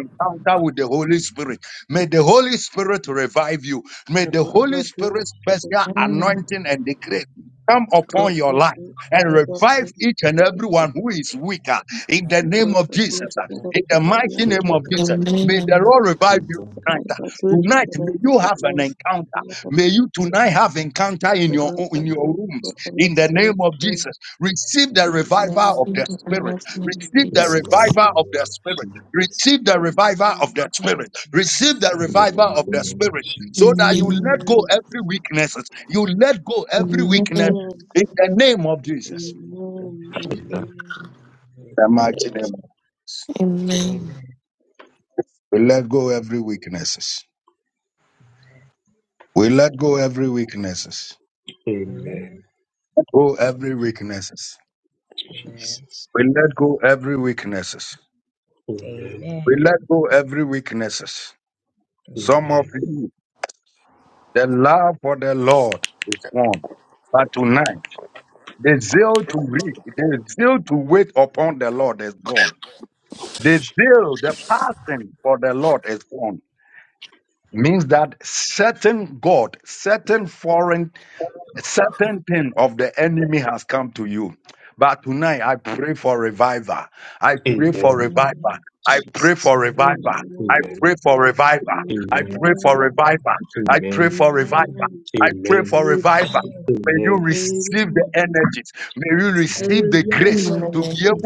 Speaker 7: Amen.
Speaker 8: Amen.
Speaker 7: In the name of Jesus. Amen.
Speaker 10: Rapadush,
Speaker 7: Amen.
Speaker 10: Rapagadian, Rapadush,
Speaker 8: Amen.
Speaker 10: Rapagadian, Rapadush, Rapagadian,
Speaker 8: Receive
Speaker 10: Amen,
Speaker 8: the announcement of Jesus.
Speaker 10: Amen, Amen, Amen,
Speaker 8: Amen.
Speaker 10: Amen,
Speaker 8: Amen.
Speaker 10: yeah, Amen, Amen,
Speaker 8: Amen.
Speaker 7: Amen. Amen. Amen. Amen.
Speaker 10: Amen, Amen, Amen, Amen,
Speaker 8: Amen.
Speaker 10: Amen,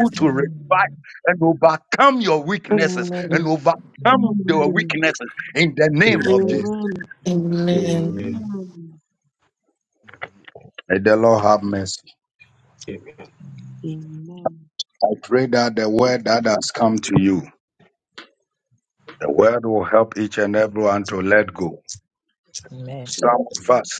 Speaker 7: Amen. Amen. Amen.
Speaker 8: Amen.
Speaker 10: Amen, Amen, Amen.
Speaker 8: Amen.
Speaker 7: Amen.
Speaker 10: Amen. Amen.
Speaker 7: Amen.
Speaker 10: Amen.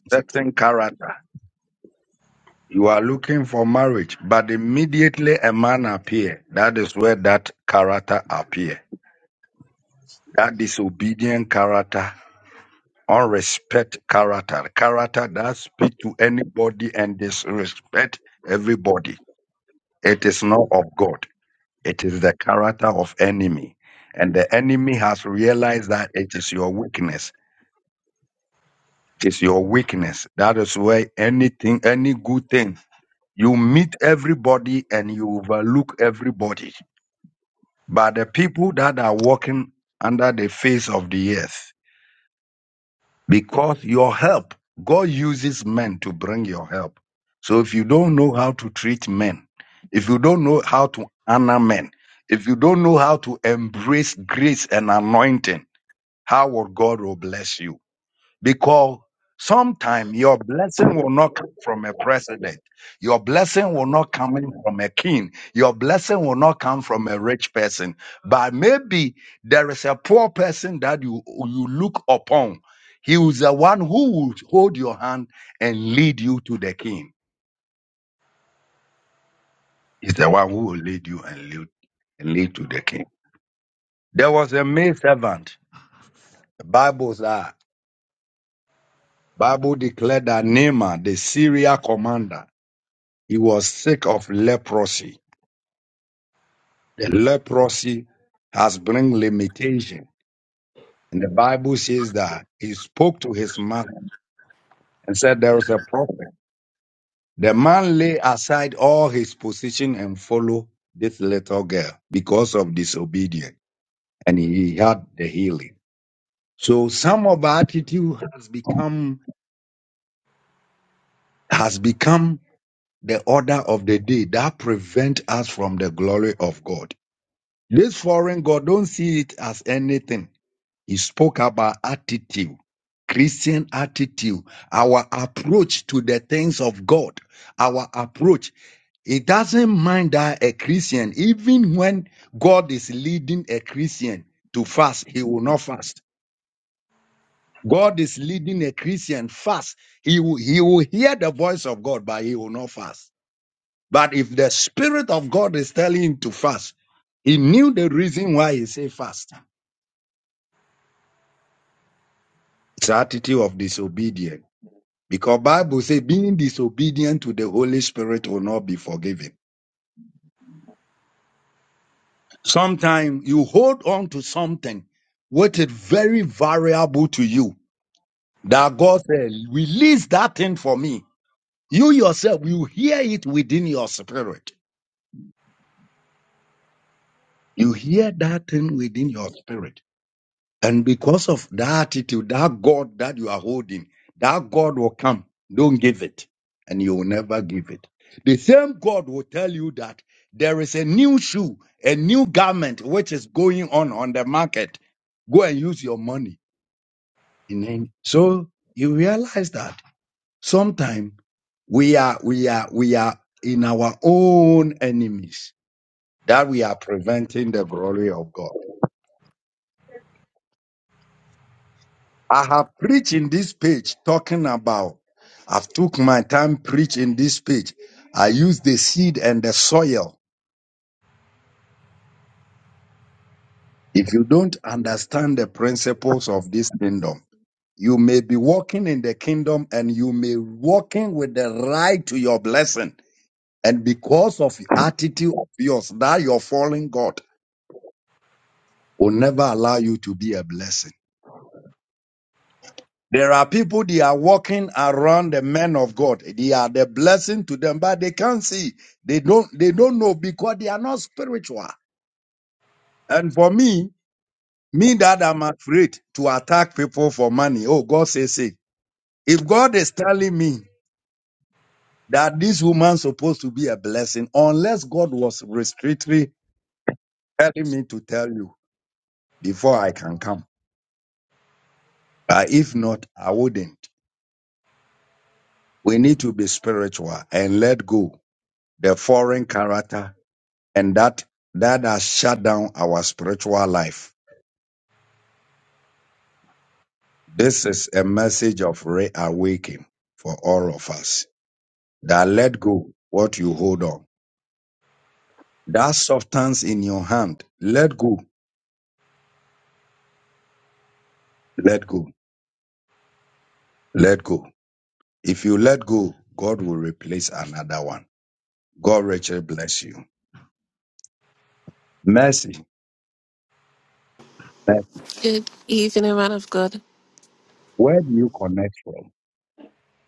Speaker 8: Good evening, man of God.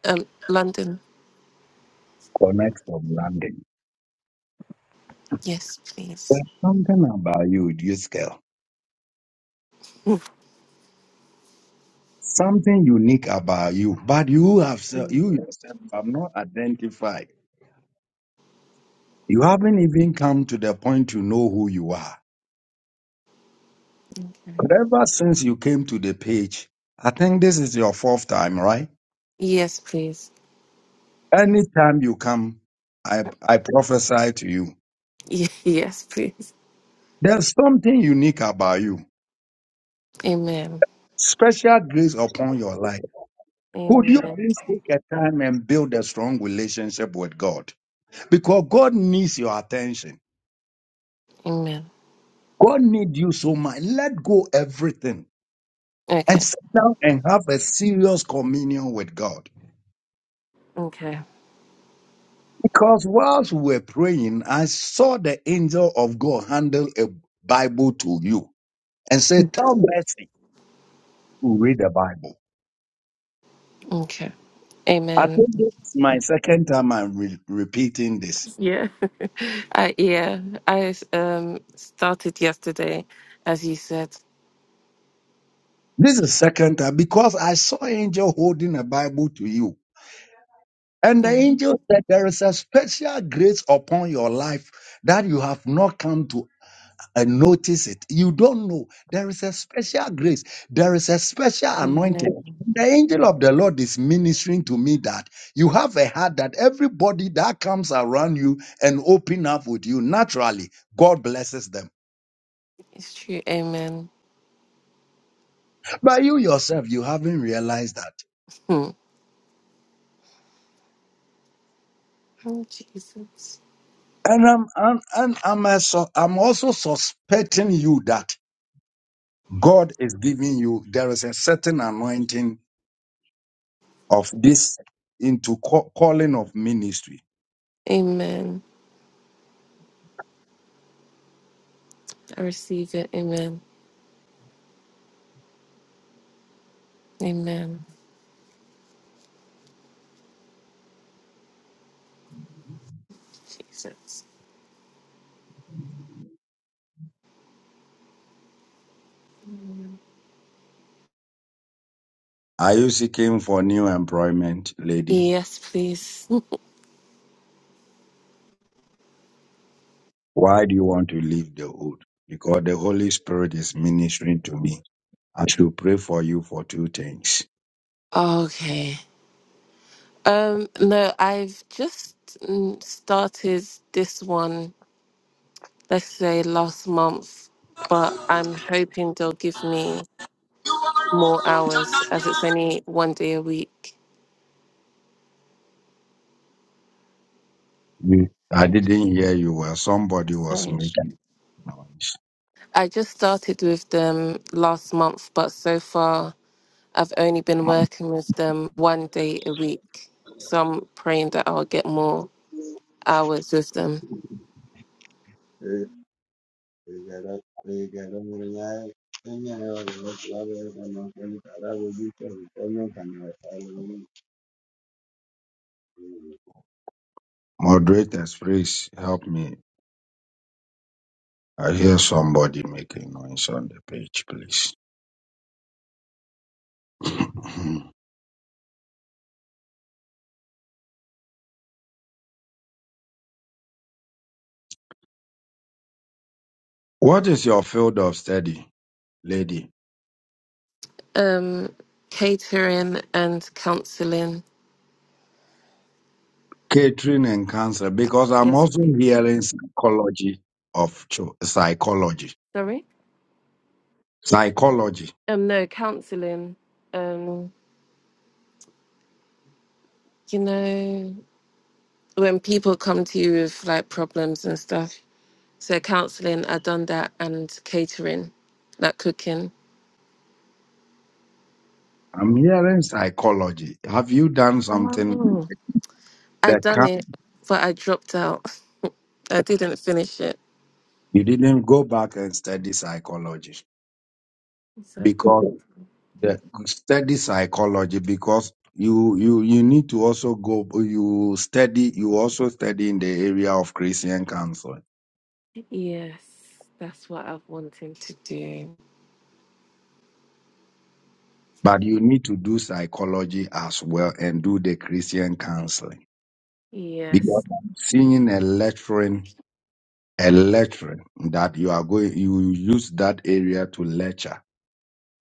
Speaker 8: Um, London. Yes, please. Amen. Yes, please. [laughs] Ye- Yes, please. Amen. Amen. Amen. Okay. Okay. Okay. Amen. Yeah. [laughs] I yeah. I um started yesterday, as you said. Amen. Amen. It's true. Amen. Hmm. Oh, Jesus. Amen. I receive it. Amen. Amen. Jesus. Yes, please. [laughs] Okay. Um. No, I've just mm, started this one let's say last month, but I'm hoping they'll give me
Speaker 13: You are
Speaker 8: more
Speaker 13: all Lord,
Speaker 8: hours as
Speaker 13: Tananya,
Speaker 8: it's only one day a week. So I just started with them last month, but so far I've only been working with them one day a week. So I'm praying that I'll get more hours with them.
Speaker 14: Thank you.
Speaker 8: Um, catering and counselling. Yes. Sorry? Um, no, counselling. Um, you know. when people come to you with like problems and stuff. So counseling, I done that and catering, like cooking. Oh. I done it, but I dropped out. I didn't finish it. So cool. Yes, that's what I've wanted to do. Yes.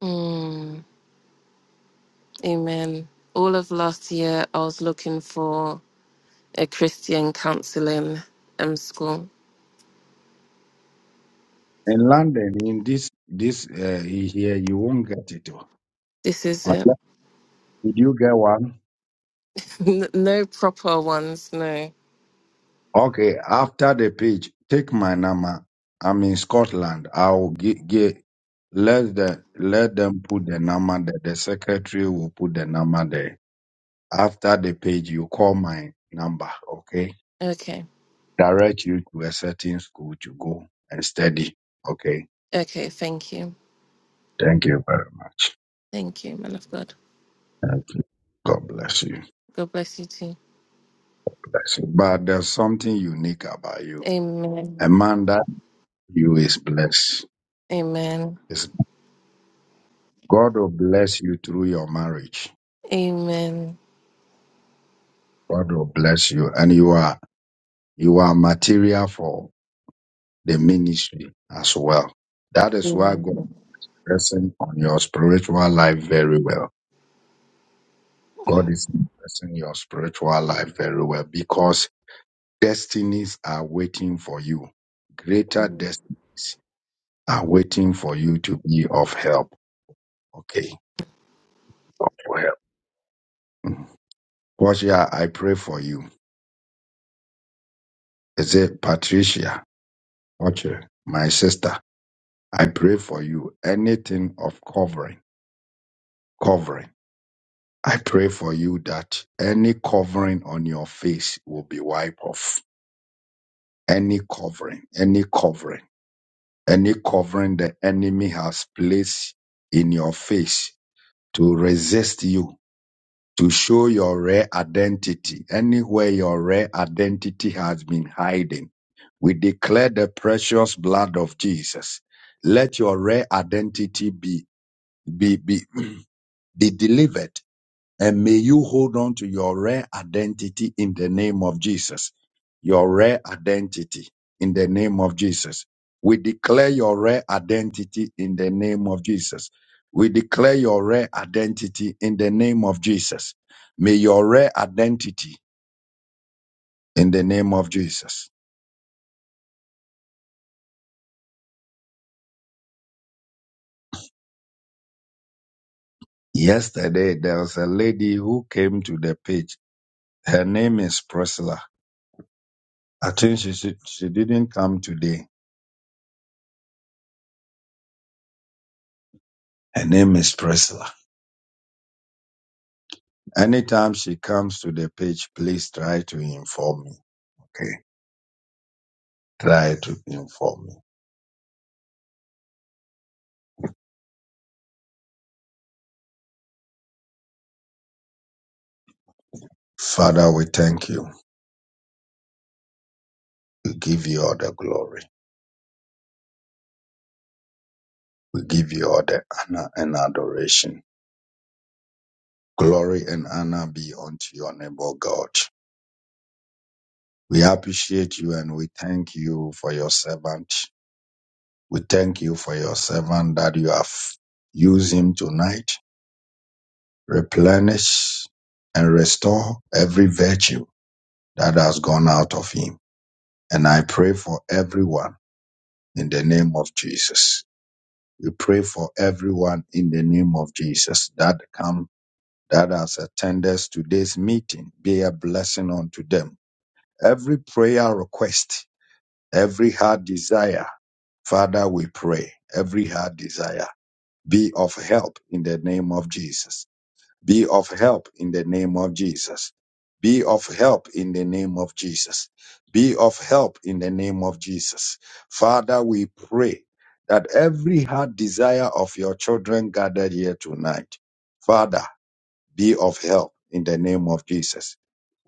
Speaker 8: Mm, amen. All of last year, I was looking for a Christian counseling um, school. This is it. [laughs] N- no proper ones, no. Okay. Okay, thank you. Thank you, man of God. God bless you too. Amen. Amen. Amen. Amen. Mm.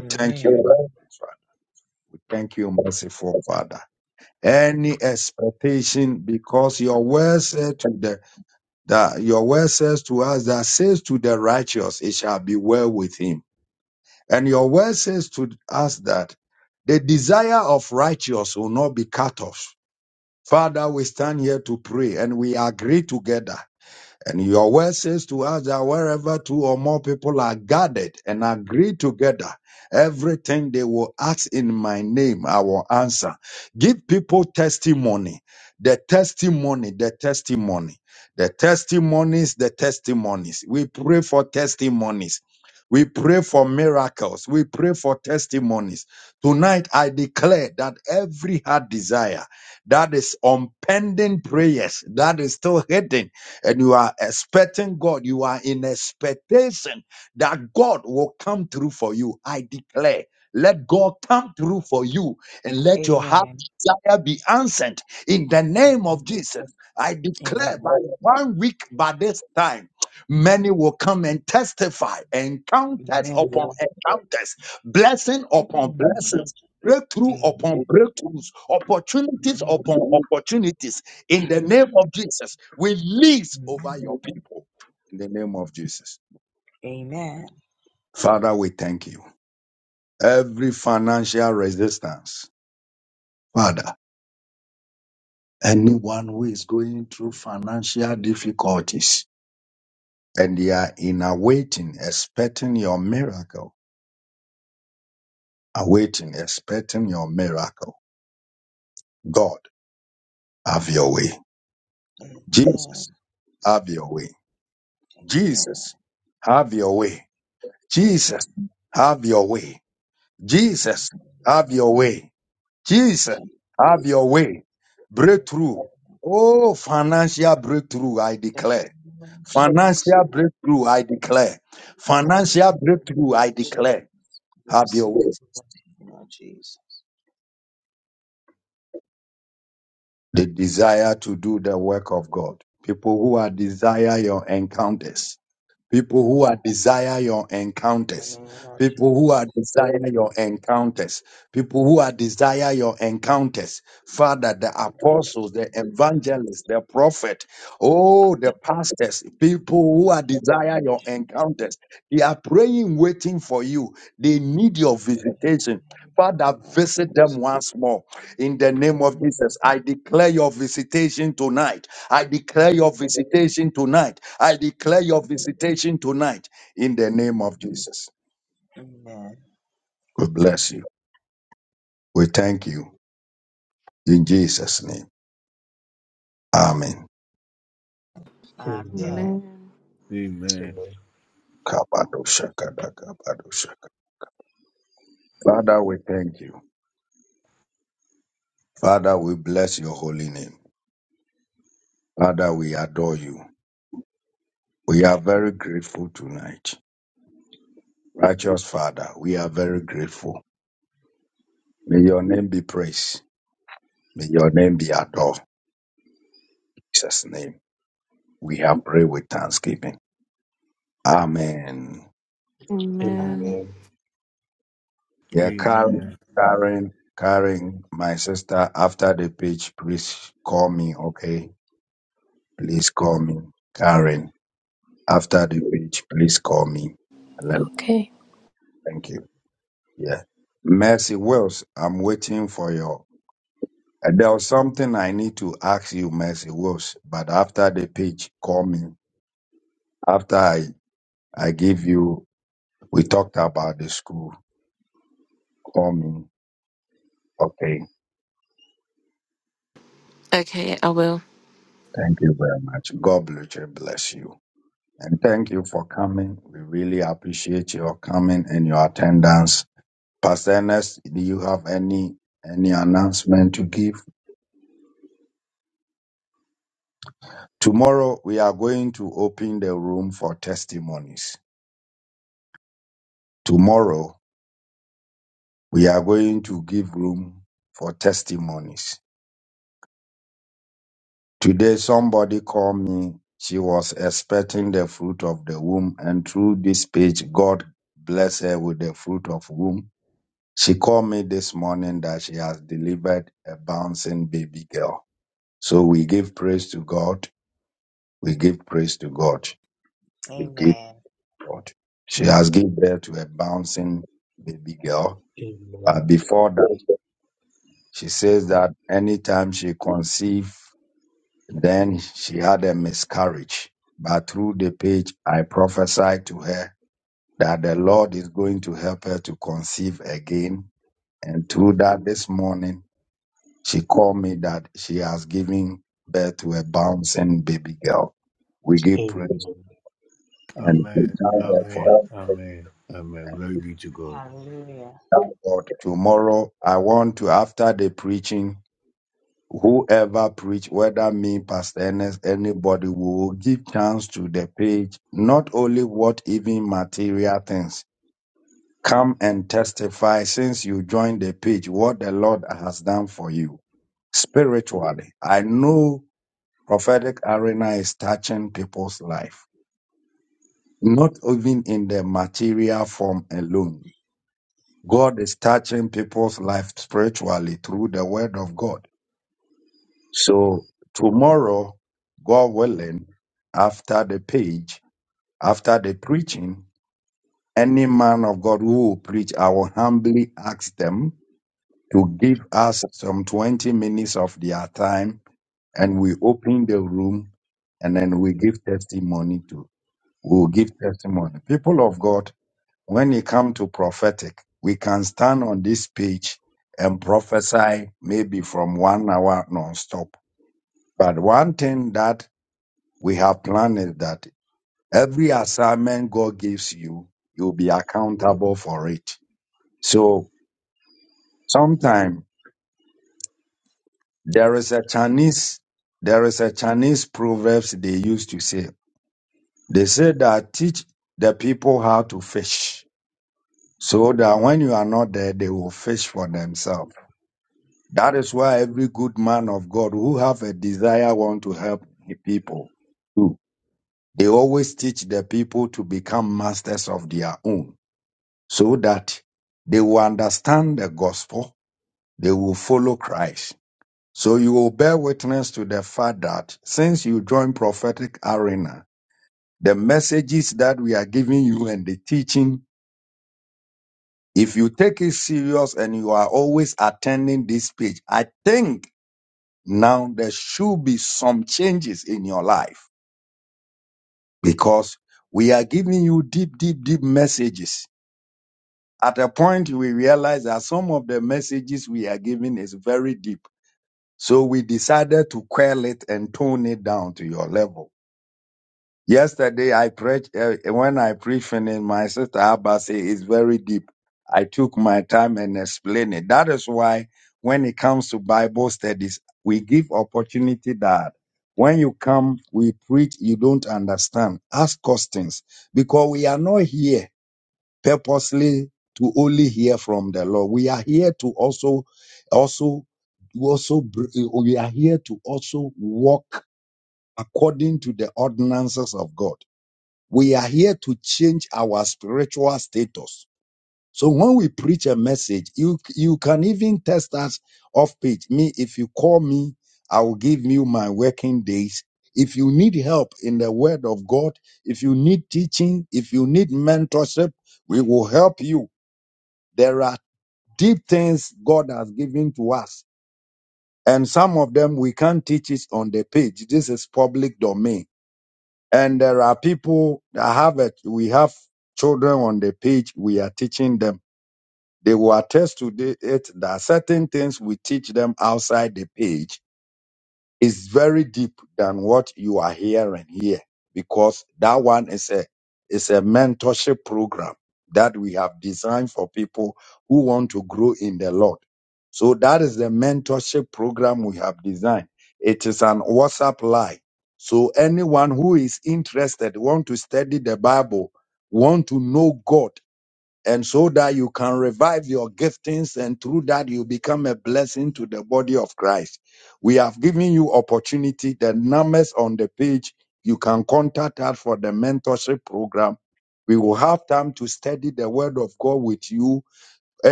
Speaker 7: Amen. Amen. Amen. Amen. Amen. Amen. Amen. Amen. Amen. Amen. Amen. Amen. Oh, Jesus. Amen. The name of Jesus. Receive it in the name of Jesus. Receive it in the name of Jesus. The name of Jesus. The name of Jesus. The name of Jesus. The name of Jesus. Amen. Amen. Amen. Amen.
Speaker 8: Amen. Amen.
Speaker 7: Amen.
Speaker 15: Amen.
Speaker 16: Okay.
Speaker 8: Okay, I will.
Speaker 7: Amen. Hallelujah.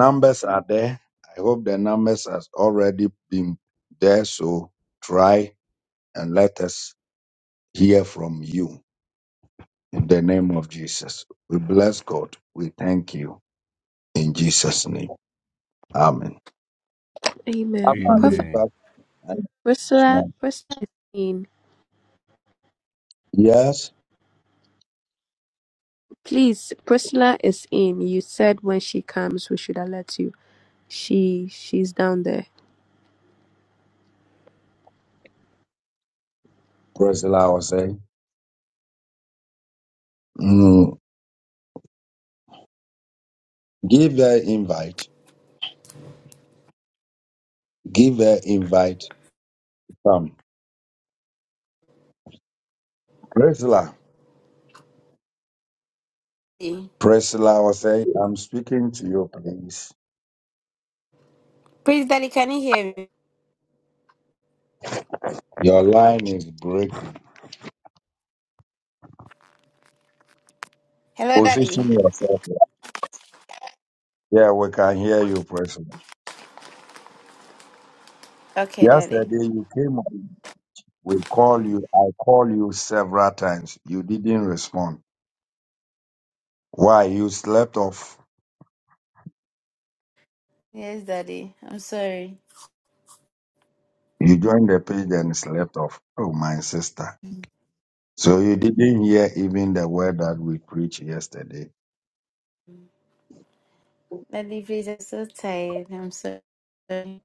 Speaker 7: Mm.
Speaker 3: Amen. Prophet Priscilla, Priscilla is in. Please, Priscilla is in. You said when she comes, we should alert you. She she's down there.
Speaker 17: Daddy. Please, Daddy, can you hear me? Hello, Daddy. Okay, Daddy. Yes, Daddy. I'm sorry. Daddy, please, I'm so tired. I'm so sorry.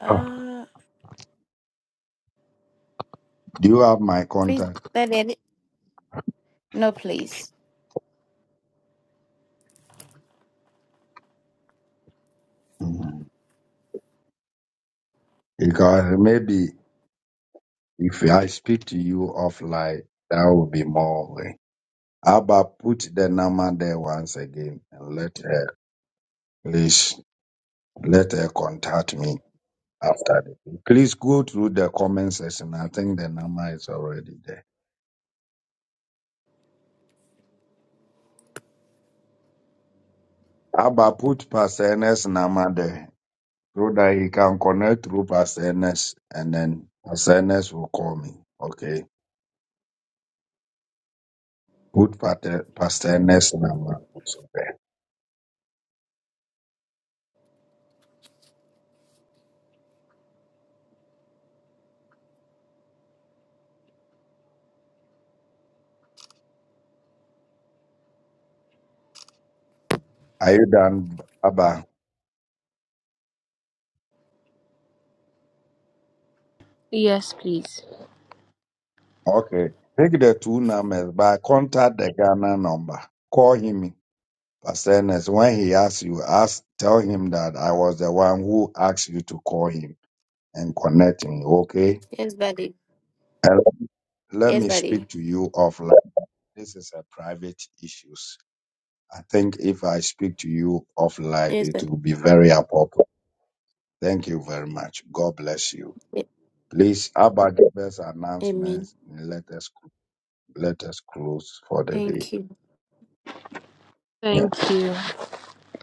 Speaker 17: Uh, please, Daddy. I need- No, please.
Speaker 3: Yes, please.
Speaker 17: Yes, Daddy. Yes, Daddy. Yes, Daddy. Amen. Thank you.
Speaker 3: Thank you.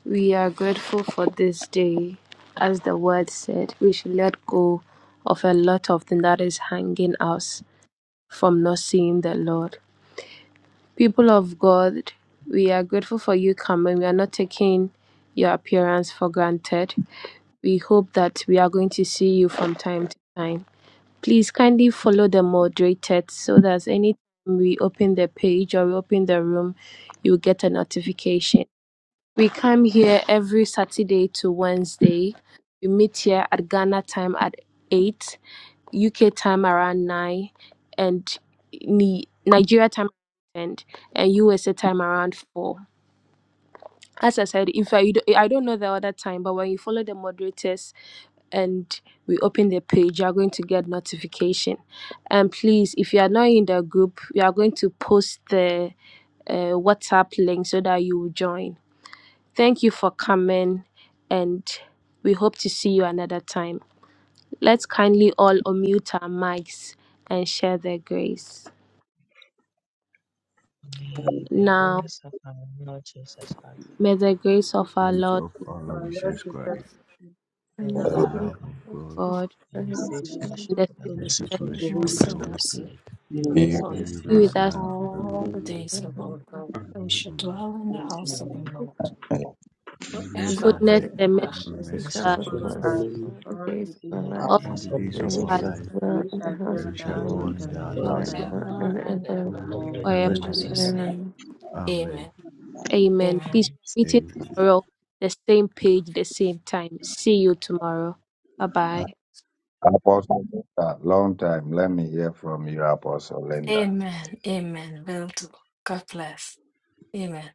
Speaker 3: We are grateful for this day. As the word said, we should let go of a lot of things that is hanging us from not seeing the Lord. People of God, we are grateful for you coming. We are not taking your appearance for granted. We hope that we are going to see you from time to time. Please kindly follow the moderated so that anytime we open the page or we open the room, you get a notification. We come here every Saturday to Wednesday. We meet here at Ghana time at 8, UK time around 9, and Ni- Nigeria time and and USA time around 4. As I said, if I, you do, I don't know the other time, but when you follow the moderators and we open the page, you are going to get notification. And please, if you are not in the group, we are going to post the uh, WhatsApp link so that you will join. Thank you for coming, and we hope to see you another time. Let's kindly all unmute our mics and share the grace.
Speaker 18: Thank
Speaker 7: May the
Speaker 3: Now,
Speaker 7: grace of our Lord Jesus Christ,
Speaker 3: may the grace of our
Speaker 12: Grace
Speaker 3: Lord
Speaker 12: of
Speaker 3: Jesus
Speaker 10: Of
Speaker 12: our Lord
Speaker 10: our Lord
Speaker 12: Jesus
Speaker 10: Jesus
Speaker 12: Christ,
Speaker 10: Christ,
Speaker 7: the
Speaker 10: the
Speaker 12: the
Speaker 7: love of
Speaker 12: love
Speaker 10: Lamb,
Speaker 7: God,
Speaker 12: of God,
Speaker 3: God
Speaker 7: and the sweet
Speaker 10: and the
Speaker 7: fellowship
Speaker 3: and the
Speaker 10: Spirit,
Speaker 7: of the
Speaker 3: Spirit
Speaker 12: the
Speaker 7: Holy
Speaker 12: sweet
Speaker 10: fellowship
Speaker 3: of God
Speaker 10: of
Speaker 7: Spirit
Speaker 10: the
Speaker 12: fellowship
Speaker 10: Holy
Speaker 12: of
Speaker 19: Goodness
Speaker 12: the
Speaker 19: and
Speaker 12: Holy
Speaker 10: Spirit,
Speaker 12: Spirit,
Speaker 19: mercy
Speaker 7: be with
Speaker 10: be
Speaker 7: us
Speaker 10: with
Speaker 18: you.
Speaker 19: for
Speaker 12: be
Speaker 7: now
Speaker 10: us
Speaker 12: with
Speaker 7: and
Speaker 3: be
Speaker 10: now
Speaker 12: us
Speaker 3: with us,
Speaker 12: now
Speaker 10: and
Speaker 7: forevermore.
Speaker 12: and forever.
Speaker 19: all the
Speaker 10: forevermore.
Speaker 19: days of
Speaker 7: Amen.
Speaker 19: our life, and we shall
Speaker 12: Amen.
Speaker 19: dwell in the house of the
Speaker 7: Amen.
Speaker 19: Lord
Speaker 12: Goodness
Speaker 19: forever
Speaker 12: and
Speaker 8: Sometimes
Speaker 3: goodness
Speaker 19: and
Speaker 8: it's
Speaker 3: and mercy,
Speaker 8: a
Speaker 19: ever,
Speaker 12: mercy, and
Speaker 10: Mercy
Speaker 12: mercy
Speaker 3: with
Speaker 7: Mercy
Speaker 8: conversation
Speaker 10: shall
Speaker 12: shall
Speaker 3: us,
Speaker 8: for the
Speaker 7: shall
Speaker 12: follow
Speaker 10: follow
Speaker 7: follow
Speaker 12: us
Speaker 8: worst
Speaker 10: us
Speaker 7: us
Speaker 8: all the
Speaker 10: all the
Speaker 8: days of our
Speaker 10: days
Speaker 7: all
Speaker 10: of
Speaker 7: the
Speaker 3: all
Speaker 8: lives,
Speaker 12: all
Speaker 10: our
Speaker 7: days
Speaker 12: the
Speaker 7: of our
Speaker 10: life,
Speaker 12: days
Speaker 8: and
Speaker 12: of
Speaker 8: we
Speaker 12: our
Speaker 3: our life
Speaker 7: lives,
Speaker 8: should
Speaker 12: life.
Speaker 10: and
Speaker 8: dwell
Speaker 10: we
Speaker 8: in the
Speaker 10: shall
Speaker 8: house
Speaker 10: dwell
Speaker 12: and
Speaker 10: in
Speaker 12: we
Speaker 10: the
Speaker 8: of
Speaker 12: shall
Speaker 8: the
Speaker 10: house
Speaker 7: and
Speaker 12: dwell
Speaker 10: of
Speaker 8: Lord
Speaker 7: we
Speaker 10: the
Speaker 12: in
Speaker 7: will dwell
Speaker 12: the
Speaker 7: in
Speaker 12: house
Speaker 10: Lord
Speaker 7: the
Speaker 3: we
Speaker 12: of the
Speaker 7: house of
Speaker 3: shall dwell
Speaker 7: the
Speaker 12: Lord
Speaker 8: forever
Speaker 10: forever
Speaker 19: forever
Speaker 7: Lord
Speaker 8: and
Speaker 10: and ever.
Speaker 19: and
Speaker 8: ever.
Speaker 19: ever.
Speaker 7: forever and
Speaker 10: Amen.
Speaker 12: forever
Speaker 3: forever.
Speaker 19: In
Speaker 12: and
Speaker 7: ever.
Speaker 12: ever.
Speaker 19: Jesus'
Speaker 7: Amen.
Speaker 19: name,
Speaker 8: Amen.
Speaker 12: Amen.
Speaker 19: Amen,
Speaker 3: Amen.
Speaker 19: Amen,
Speaker 7: Amen.
Speaker 3: Please, we are meeting
Speaker 12: Amen.
Speaker 3: tomorrow, the same page, the same time. See you tomorrow. Bye bye.
Speaker 19: Amen, Amen. Will do. God bless. Amen.